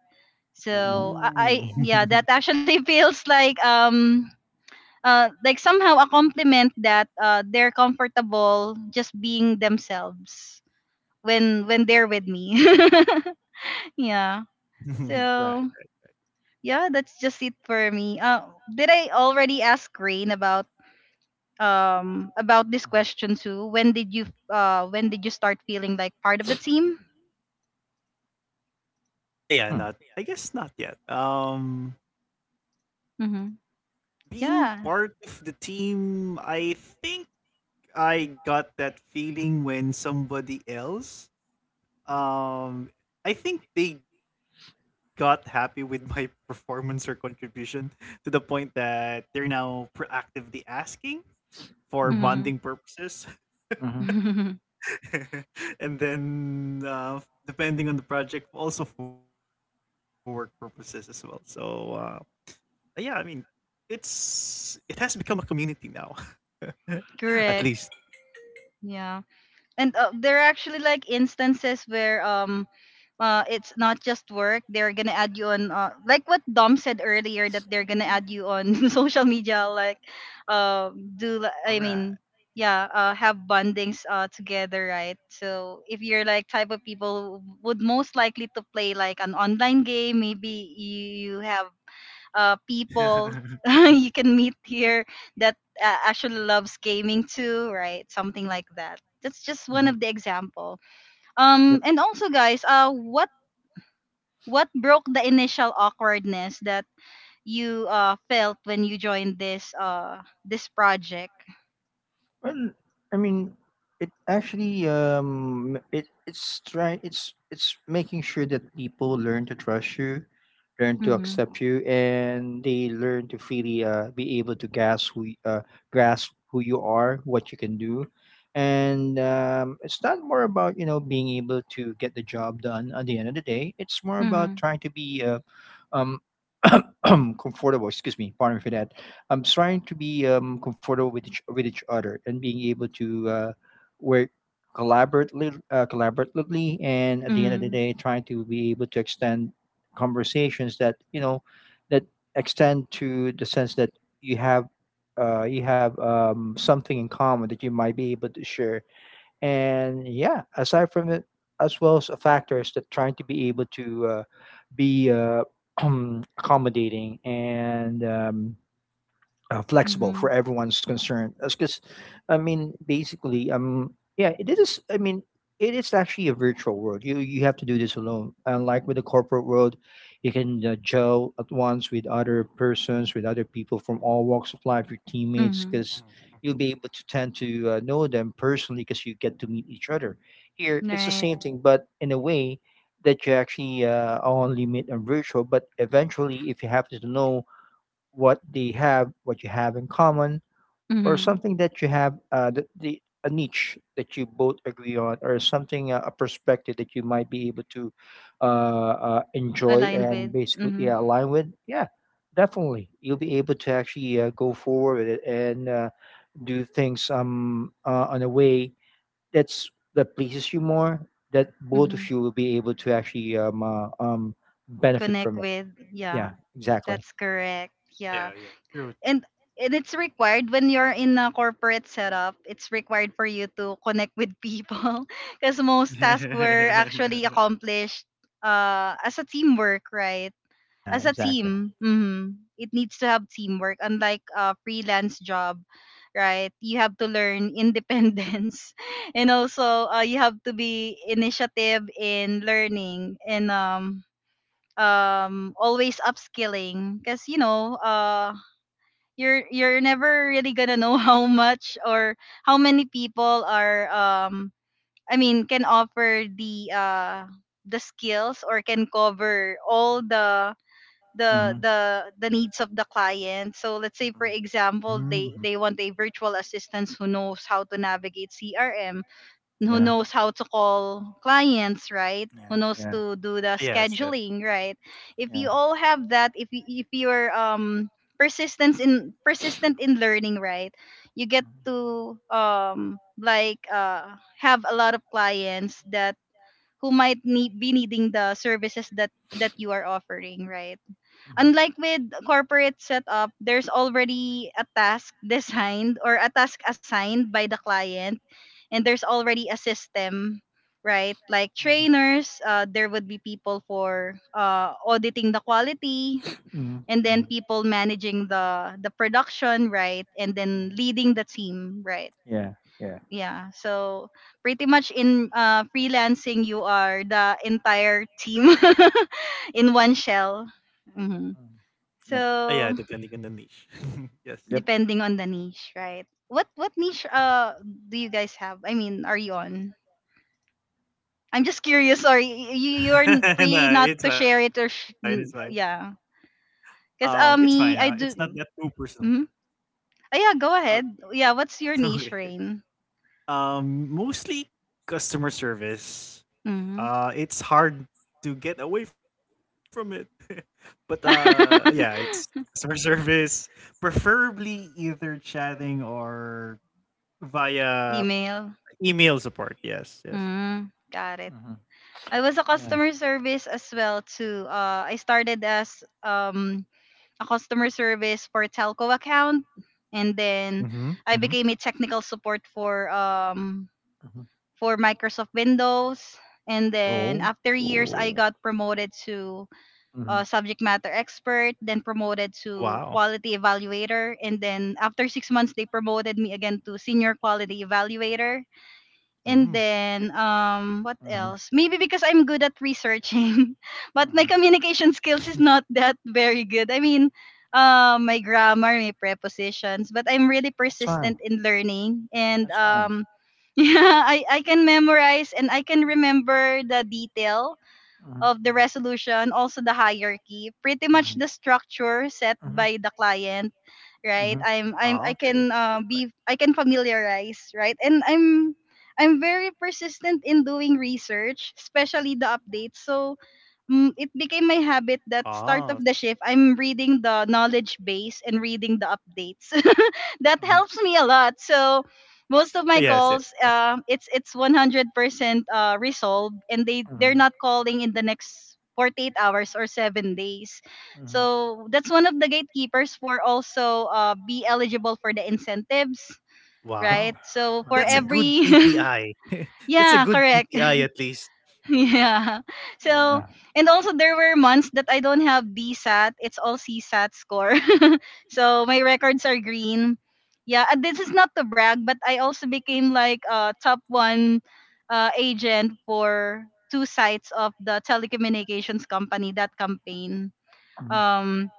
[SPEAKER 1] So I
[SPEAKER 3] Ooh.
[SPEAKER 1] yeah, that actually feels like somehow a compliment that they're comfortable just being themselves when they're with me. Yeah.
[SPEAKER 3] right.
[SPEAKER 1] So yeah, that's just it for me. Did I already ask Rain about this question too? When did you start feeling like part of the team?
[SPEAKER 3] Ah, yeah, not. I guess not yet.
[SPEAKER 1] Mm-hmm.
[SPEAKER 3] Being
[SPEAKER 1] Yeah.
[SPEAKER 3] part of the team, I think I got that feeling when somebody else um, I think they got happy with my performance or contribution to the point that they're now proactively asking for
[SPEAKER 2] Mm-hmm. Mm-hmm.
[SPEAKER 3] bonding purposes,
[SPEAKER 2] Mm-hmm.
[SPEAKER 1] Mm-hmm.
[SPEAKER 3] and then depending on the project, also for work purposes as well. So yeah, I mean, it has become a community now, at least.
[SPEAKER 1] Correct. Yeah. And there are actually like instances where it's not just work. They're gonna add you on, like what Dom said earlier, that they're gonna add you on social media, like, uh, do li-
[SPEAKER 3] All
[SPEAKER 1] I
[SPEAKER 3] right.
[SPEAKER 1] mean, yeah, have bondings together, right? So if you're like type of people who would most likely to play like an online game, maybe you have people you can meet here that actually loves gaming too, right? Something like that. That's just one of the example. And also, guys, what broke the initial awkwardness that you felt when you joined this this project?
[SPEAKER 2] Well, I mean, it actually it it's try it's making sure that people learn to trust you, learn to
[SPEAKER 1] Mm-hmm.
[SPEAKER 2] accept you, and they learn to freely be able to grasp who y- grasp who you are, what you can do, and it's not more about you know being able to get the job done at the end of the day. It's more
[SPEAKER 1] Mm-hmm.
[SPEAKER 2] about trying to be um comfortable. Excuse me, pardon me for that. I'm trying to be comfortable with with each other and being able to work collaboratively, and at the end of the
[SPEAKER 1] Mm-hmm.
[SPEAKER 2] day, trying to be able to extend conversations that you know that extend to the sense that you have you have something in common that you might be able to share. And yeah, aside from it, as well as factors that trying to be able to be accommodating and flexible
[SPEAKER 1] Mm-hmm.
[SPEAKER 2] for everyone's concern. Because, I mean, basically, yeah, it is. I mean, it is actually a virtual world. You have to do this alone. Unlike with the corporate world, you can gel at once with other persons, with other people from all walks of life, your teammates,
[SPEAKER 1] Mm-hmm.
[SPEAKER 2] because
[SPEAKER 3] Mhm,
[SPEAKER 2] you'll
[SPEAKER 3] mhm.
[SPEAKER 2] be able to tend to know them personally because you get to meet each other. Here, it's the
[SPEAKER 1] Right.
[SPEAKER 2] same thing, but in a way that you actually only meet on virtual. But eventually, if you happen to know what they have, what you have in common, or
[SPEAKER 1] Mm-hmm.
[SPEAKER 2] something that the a niche that you both agree on, or something, a perspective that you might be able to uh, enjoy
[SPEAKER 1] Align
[SPEAKER 2] and
[SPEAKER 1] with.
[SPEAKER 2] basically,
[SPEAKER 1] Mm-hmm.
[SPEAKER 2] yeah, align with. Yeah, definitely, you'll be able to actually go forward with it and do things on a way that's that pleases you more. That both
[SPEAKER 1] Mm-hmm.
[SPEAKER 2] of you will be able to actually benefit
[SPEAKER 1] Connect
[SPEAKER 2] from it.
[SPEAKER 1] with.
[SPEAKER 2] Yeah,
[SPEAKER 1] Yeah.
[SPEAKER 2] exactly.
[SPEAKER 1] That's correct. Yeah.
[SPEAKER 3] Yeah, yeah, true, true.
[SPEAKER 1] And and it's required when you're in a corporate setup. It's required for you to connect with people because most tasks were
[SPEAKER 3] Yes.
[SPEAKER 1] actually accomplished as a teamwork, right?
[SPEAKER 2] Yeah,
[SPEAKER 1] As a
[SPEAKER 2] exactly.
[SPEAKER 1] team, hmm, it needs to have teamwork, unlike a freelance job, right? You have to learn independence and also you have to be initiative in learning and always upskilling because you know you're never really gonna know how much or how many people are can offer the skills or can cover all the needs of the client. So let's say for
[SPEAKER 3] Mhm.
[SPEAKER 1] example they want a virtual assistant who knows how to navigate crm, who knows how to call clients, right? Who knows to do the
[SPEAKER 3] Yes. Yes.
[SPEAKER 1] scheduling, right? If you all have that, if you if you're persistence in persistent in learning, right, you get to have a lot of clients that who might need be needing the services that you are offering, right? Unlike with corporate setup, there's already a task designed or a task assigned by the client, and there's already a system, right? Like trainers, there would be people for auditing the quality, and then people managing the production, right? And then leading the team, right? Yeah. So pretty much in freelancing, you are the entire team in one shell. Mhm.
[SPEAKER 3] Ah, yeah,
[SPEAKER 1] So
[SPEAKER 3] depending on the niche. Yes.
[SPEAKER 1] depending on the niche, right? What niche do you guys have? I mean, are you on? I'm just curious. Sorry, you're free
[SPEAKER 3] No,
[SPEAKER 1] not
[SPEAKER 3] it's
[SPEAKER 1] to
[SPEAKER 3] fine, it's
[SPEAKER 1] share it
[SPEAKER 3] fine.
[SPEAKER 1] or yeah.
[SPEAKER 3] It's fine,
[SPEAKER 1] Cause
[SPEAKER 3] it's not
[SPEAKER 1] me I
[SPEAKER 3] that
[SPEAKER 1] do.
[SPEAKER 3] too
[SPEAKER 1] Mm.
[SPEAKER 3] personal.
[SPEAKER 1] Mm-hmm. Oh, yeah, go
[SPEAKER 3] Oh,
[SPEAKER 1] ahead. Yeah, what's your
[SPEAKER 3] okay.
[SPEAKER 1] niche, Rain?
[SPEAKER 3] Mostly customer service.
[SPEAKER 1] Mm-hmm.
[SPEAKER 3] It's hard to get away from it. But, yeah, it's customer service, preferably either chatting or via
[SPEAKER 1] Email.
[SPEAKER 3] email support. Yes, yes.
[SPEAKER 1] Mm, got it. I was a customer service as well too. I started as a customer service for telco account, and then
[SPEAKER 3] Mhm,
[SPEAKER 1] I
[SPEAKER 3] mhm.
[SPEAKER 1] became a technical support for Microsoft Windows. And then
[SPEAKER 3] Oh.
[SPEAKER 1] after years, I
[SPEAKER 3] Oh,
[SPEAKER 1] got promoted to subject matter expert, then promoted to
[SPEAKER 3] wow.
[SPEAKER 1] quality evaluator, and then after 6 months, they promoted me again to senior quality evaluator. And
[SPEAKER 3] Mm.
[SPEAKER 1] then what else? Maybe because I'm good at researching, but my communication skills is not that very good. I mean, my grammar, my prepositions, but I'm really
[SPEAKER 2] It's fine.
[SPEAKER 1] persistent in learning and yeah, I can memorize and I can remember the detail of the
[SPEAKER 3] Mhm.
[SPEAKER 1] resolution, also the hierarchy, pretty much the structure set by the client, right?
[SPEAKER 3] Oh, okay.
[SPEAKER 1] I
[SPEAKER 3] That's
[SPEAKER 1] can
[SPEAKER 3] fine.
[SPEAKER 1] be I can familiarize, right? And I'm very persistent in doing research, especially the updates. So mm, it became
[SPEAKER 3] Oh,
[SPEAKER 1] my habit that start of the shift, I'm reading the knowledge base and reading the updates. That helps me a lot. So most of
[SPEAKER 3] yes,
[SPEAKER 1] my
[SPEAKER 3] yes.
[SPEAKER 1] calls, it's 100% resolved, and they're not calling in the next 48 hours or 7 days. So that's one of the gatekeepers for also be eligible for the incentives, right?
[SPEAKER 3] Wow.
[SPEAKER 1] So for
[SPEAKER 3] That's a good
[SPEAKER 1] every
[SPEAKER 3] KPI. That's a
[SPEAKER 1] yeah,
[SPEAKER 3] good
[SPEAKER 1] correct,
[SPEAKER 3] KPI at least.
[SPEAKER 1] yeah. So and also there were months that I don't have DSAT. It's all CSAT score. So my records are green. Yeah, and this is not to brag, but I also became like a top one agent for two sites of the telecommunications company that campaign. Um,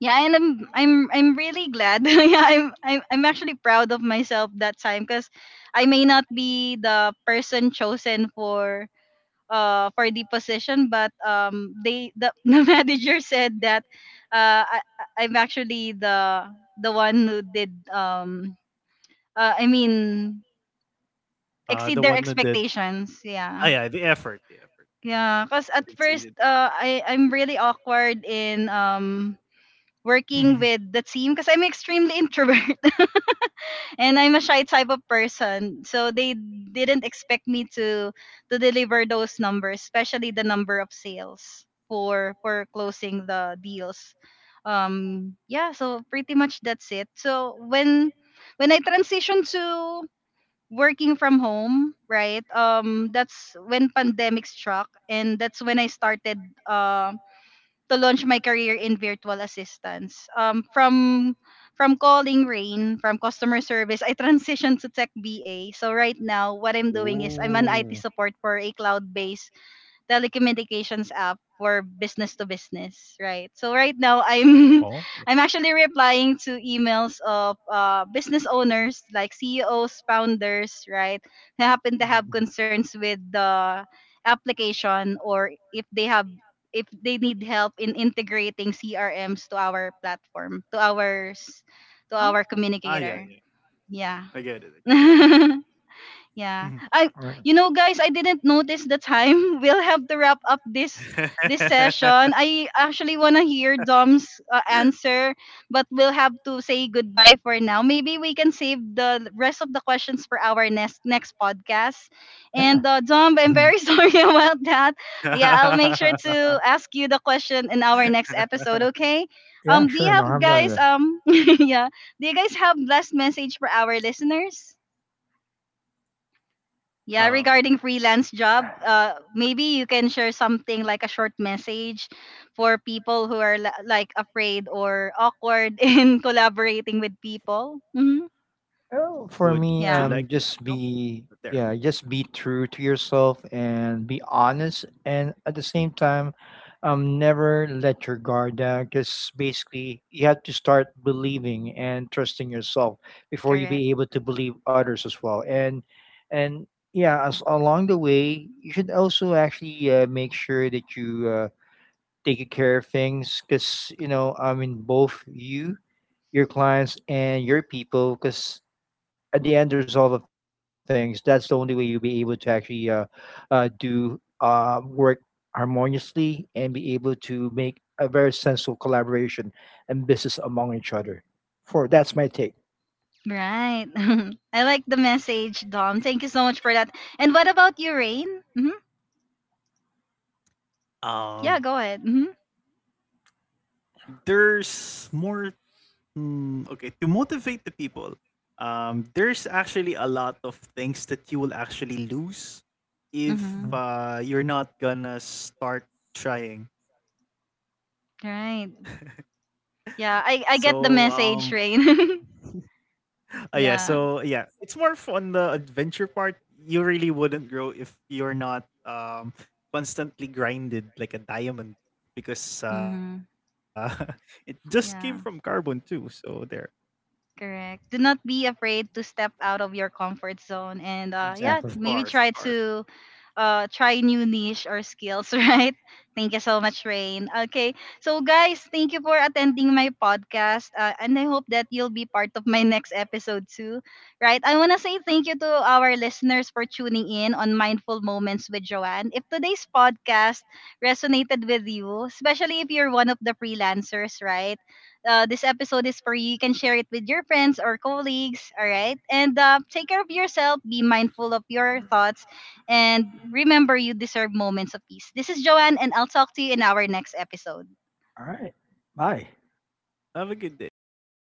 [SPEAKER 1] yeah, and I'm really glad. Yeah, I'm actually proud of myself that time because I may not be the person chosen for the position, but the manager said that I'm actually the one who did uh, I mean exceed
[SPEAKER 3] The
[SPEAKER 1] their
[SPEAKER 3] one that did.
[SPEAKER 1] expectations.
[SPEAKER 3] Ah,
[SPEAKER 1] Yeah,
[SPEAKER 3] yeah, the effort. The effort.
[SPEAKER 1] yeah. Cause
[SPEAKER 3] It
[SPEAKER 1] at first
[SPEAKER 3] exceeded.
[SPEAKER 1] I I'm really awkward in working with the team because I'm extremely introvert and I'm a shy type of person. So they didn't expect me to deliver those numbers, especially the number of sales for closing the deals. Yeah, so pretty much that's it. So when I transitioned to working from home, right? That's when pandemic struck and that's when I started um to launch my career in virtual assistance. From calling Rain, from customer service, I transitioned to tech BA. So right now, what I'm doing is I'm an IT
[SPEAKER 3] Ooh.
[SPEAKER 1] support for a cloud-based telecommunications app for business to business, right? So right now
[SPEAKER 3] Oh,
[SPEAKER 1] I'm
[SPEAKER 3] yeah.
[SPEAKER 1] I'm actually replying to emails of business owners like CEOs, founders, right? Who happen to have
[SPEAKER 3] Mhm, mhm.
[SPEAKER 1] concerns with the application or if they have if they need help in integrating CRMs to our platform, to ours
[SPEAKER 3] Ah,
[SPEAKER 1] to our
[SPEAKER 3] ah, yeah,
[SPEAKER 1] communicator.
[SPEAKER 3] yeah.
[SPEAKER 1] Yeah.
[SPEAKER 3] I get it.
[SPEAKER 1] Yeah.
[SPEAKER 3] Mhm.
[SPEAKER 1] I You know guys, I didn't notice the time. We'll have to wrap up this session. I actually want to hear Dom's answer, but we'll have to say goodbye for now. Maybe we can save the rest of the questions for our next podcast. And Dom, I'm very sorry about that. Yeah, I'll make sure to ask you the question in our next episode, okay?
[SPEAKER 2] Yeah,
[SPEAKER 1] Do
[SPEAKER 2] sure.
[SPEAKER 1] you
[SPEAKER 2] No
[SPEAKER 1] have
[SPEAKER 2] harm done
[SPEAKER 1] guys
[SPEAKER 2] there.
[SPEAKER 1] yeah, do you guys have last message for our listeners? Yeah, regarding freelance
[SPEAKER 3] Um,
[SPEAKER 1] job, maybe you can share something like a short message for people who are like afraid or awkward in collaborating with people. Hmm.
[SPEAKER 2] For me,
[SPEAKER 3] would
[SPEAKER 1] Yeah,
[SPEAKER 3] you like
[SPEAKER 2] just
[SPEAKER 3] it? No,
[SPEAKER 2] be yeah,
[SPEAKER 3] not there.
[SPEAKER 2] just be true to yourself and be honest, and at the same time, never let your guard down. Because basically, you have to start believing and trusting yourself before you
[SPEAKER 1] correct.
[SPEAKER 2] be able to believe others as well. And yeah, as along the way, you should also actually make sure that you taking care of things, because you know I mean both you, your clients and your people, because at the end result of things, that's the only way you'll be able to actually do work harmoniously and be able to make a very sensible collaboration and business among each other. For that's my take.
[SPEAKER 1] Right. I like the message, Dom. Thank you so much for that. And what about you, Rain? Hmm. Yeah, go ahead. Hmm.
[SPEAKER 3] Um, there's more hmm, okay, to motivate the people, there's actually a lot of things that you will actually lose if
[SPEAKER 1] Hmm.
[SPEAKER 3] you're not gonna start trying.
[SPEAKER 1] Right. Yeah,
[SPEAKER 3] So,
[SPEAKER 1] I get the message, Rain.
[SPEAKER 3] yeah, so
[SPEAKER 1] Yeah.
[SPEAKER 3] yeah, it's more on the adventure part. You really wouldn't grow if you're not constantly grinded like a diamond because
[SPEAKER 1] Hmm.
[SPEAKER 3] it just came from carbon
[SPEAKER 1] Yeah.
[SPEAKER 3] too. So there,
[SPEAKER 1] Correct. Do not be afraid to step out of your comfort zone and
[SPEAKER 3] of
[SPEAKER 1] yeah,
[SPEAKER 3] course,
[SPEAKER 1] maybe
[SPEAKER 3] of
[SPEAKER 1] try
[SPEAKER 3] course.
[SPEAKER 1] to try new niche or skills, right? Thank you so much, Rain. Okay. So guys, thank you for attending my podcast. And I hope that you'll be part of my next episode too. Right? I want to say thank you to our listeners for tuning in on Mindful Moments with Joanne. If today's podcast resonated with you, especially if you're one of the freelancers, right? This episode is for you. You can share it with your friends or colleagues. All right. And take care of yourself. Be mindful of your thoughts. And remember, you deserve moments of peace. This is Joanne, and I'll talk to you in our next episode.
[SPEAKER 3] Have a good day, guys.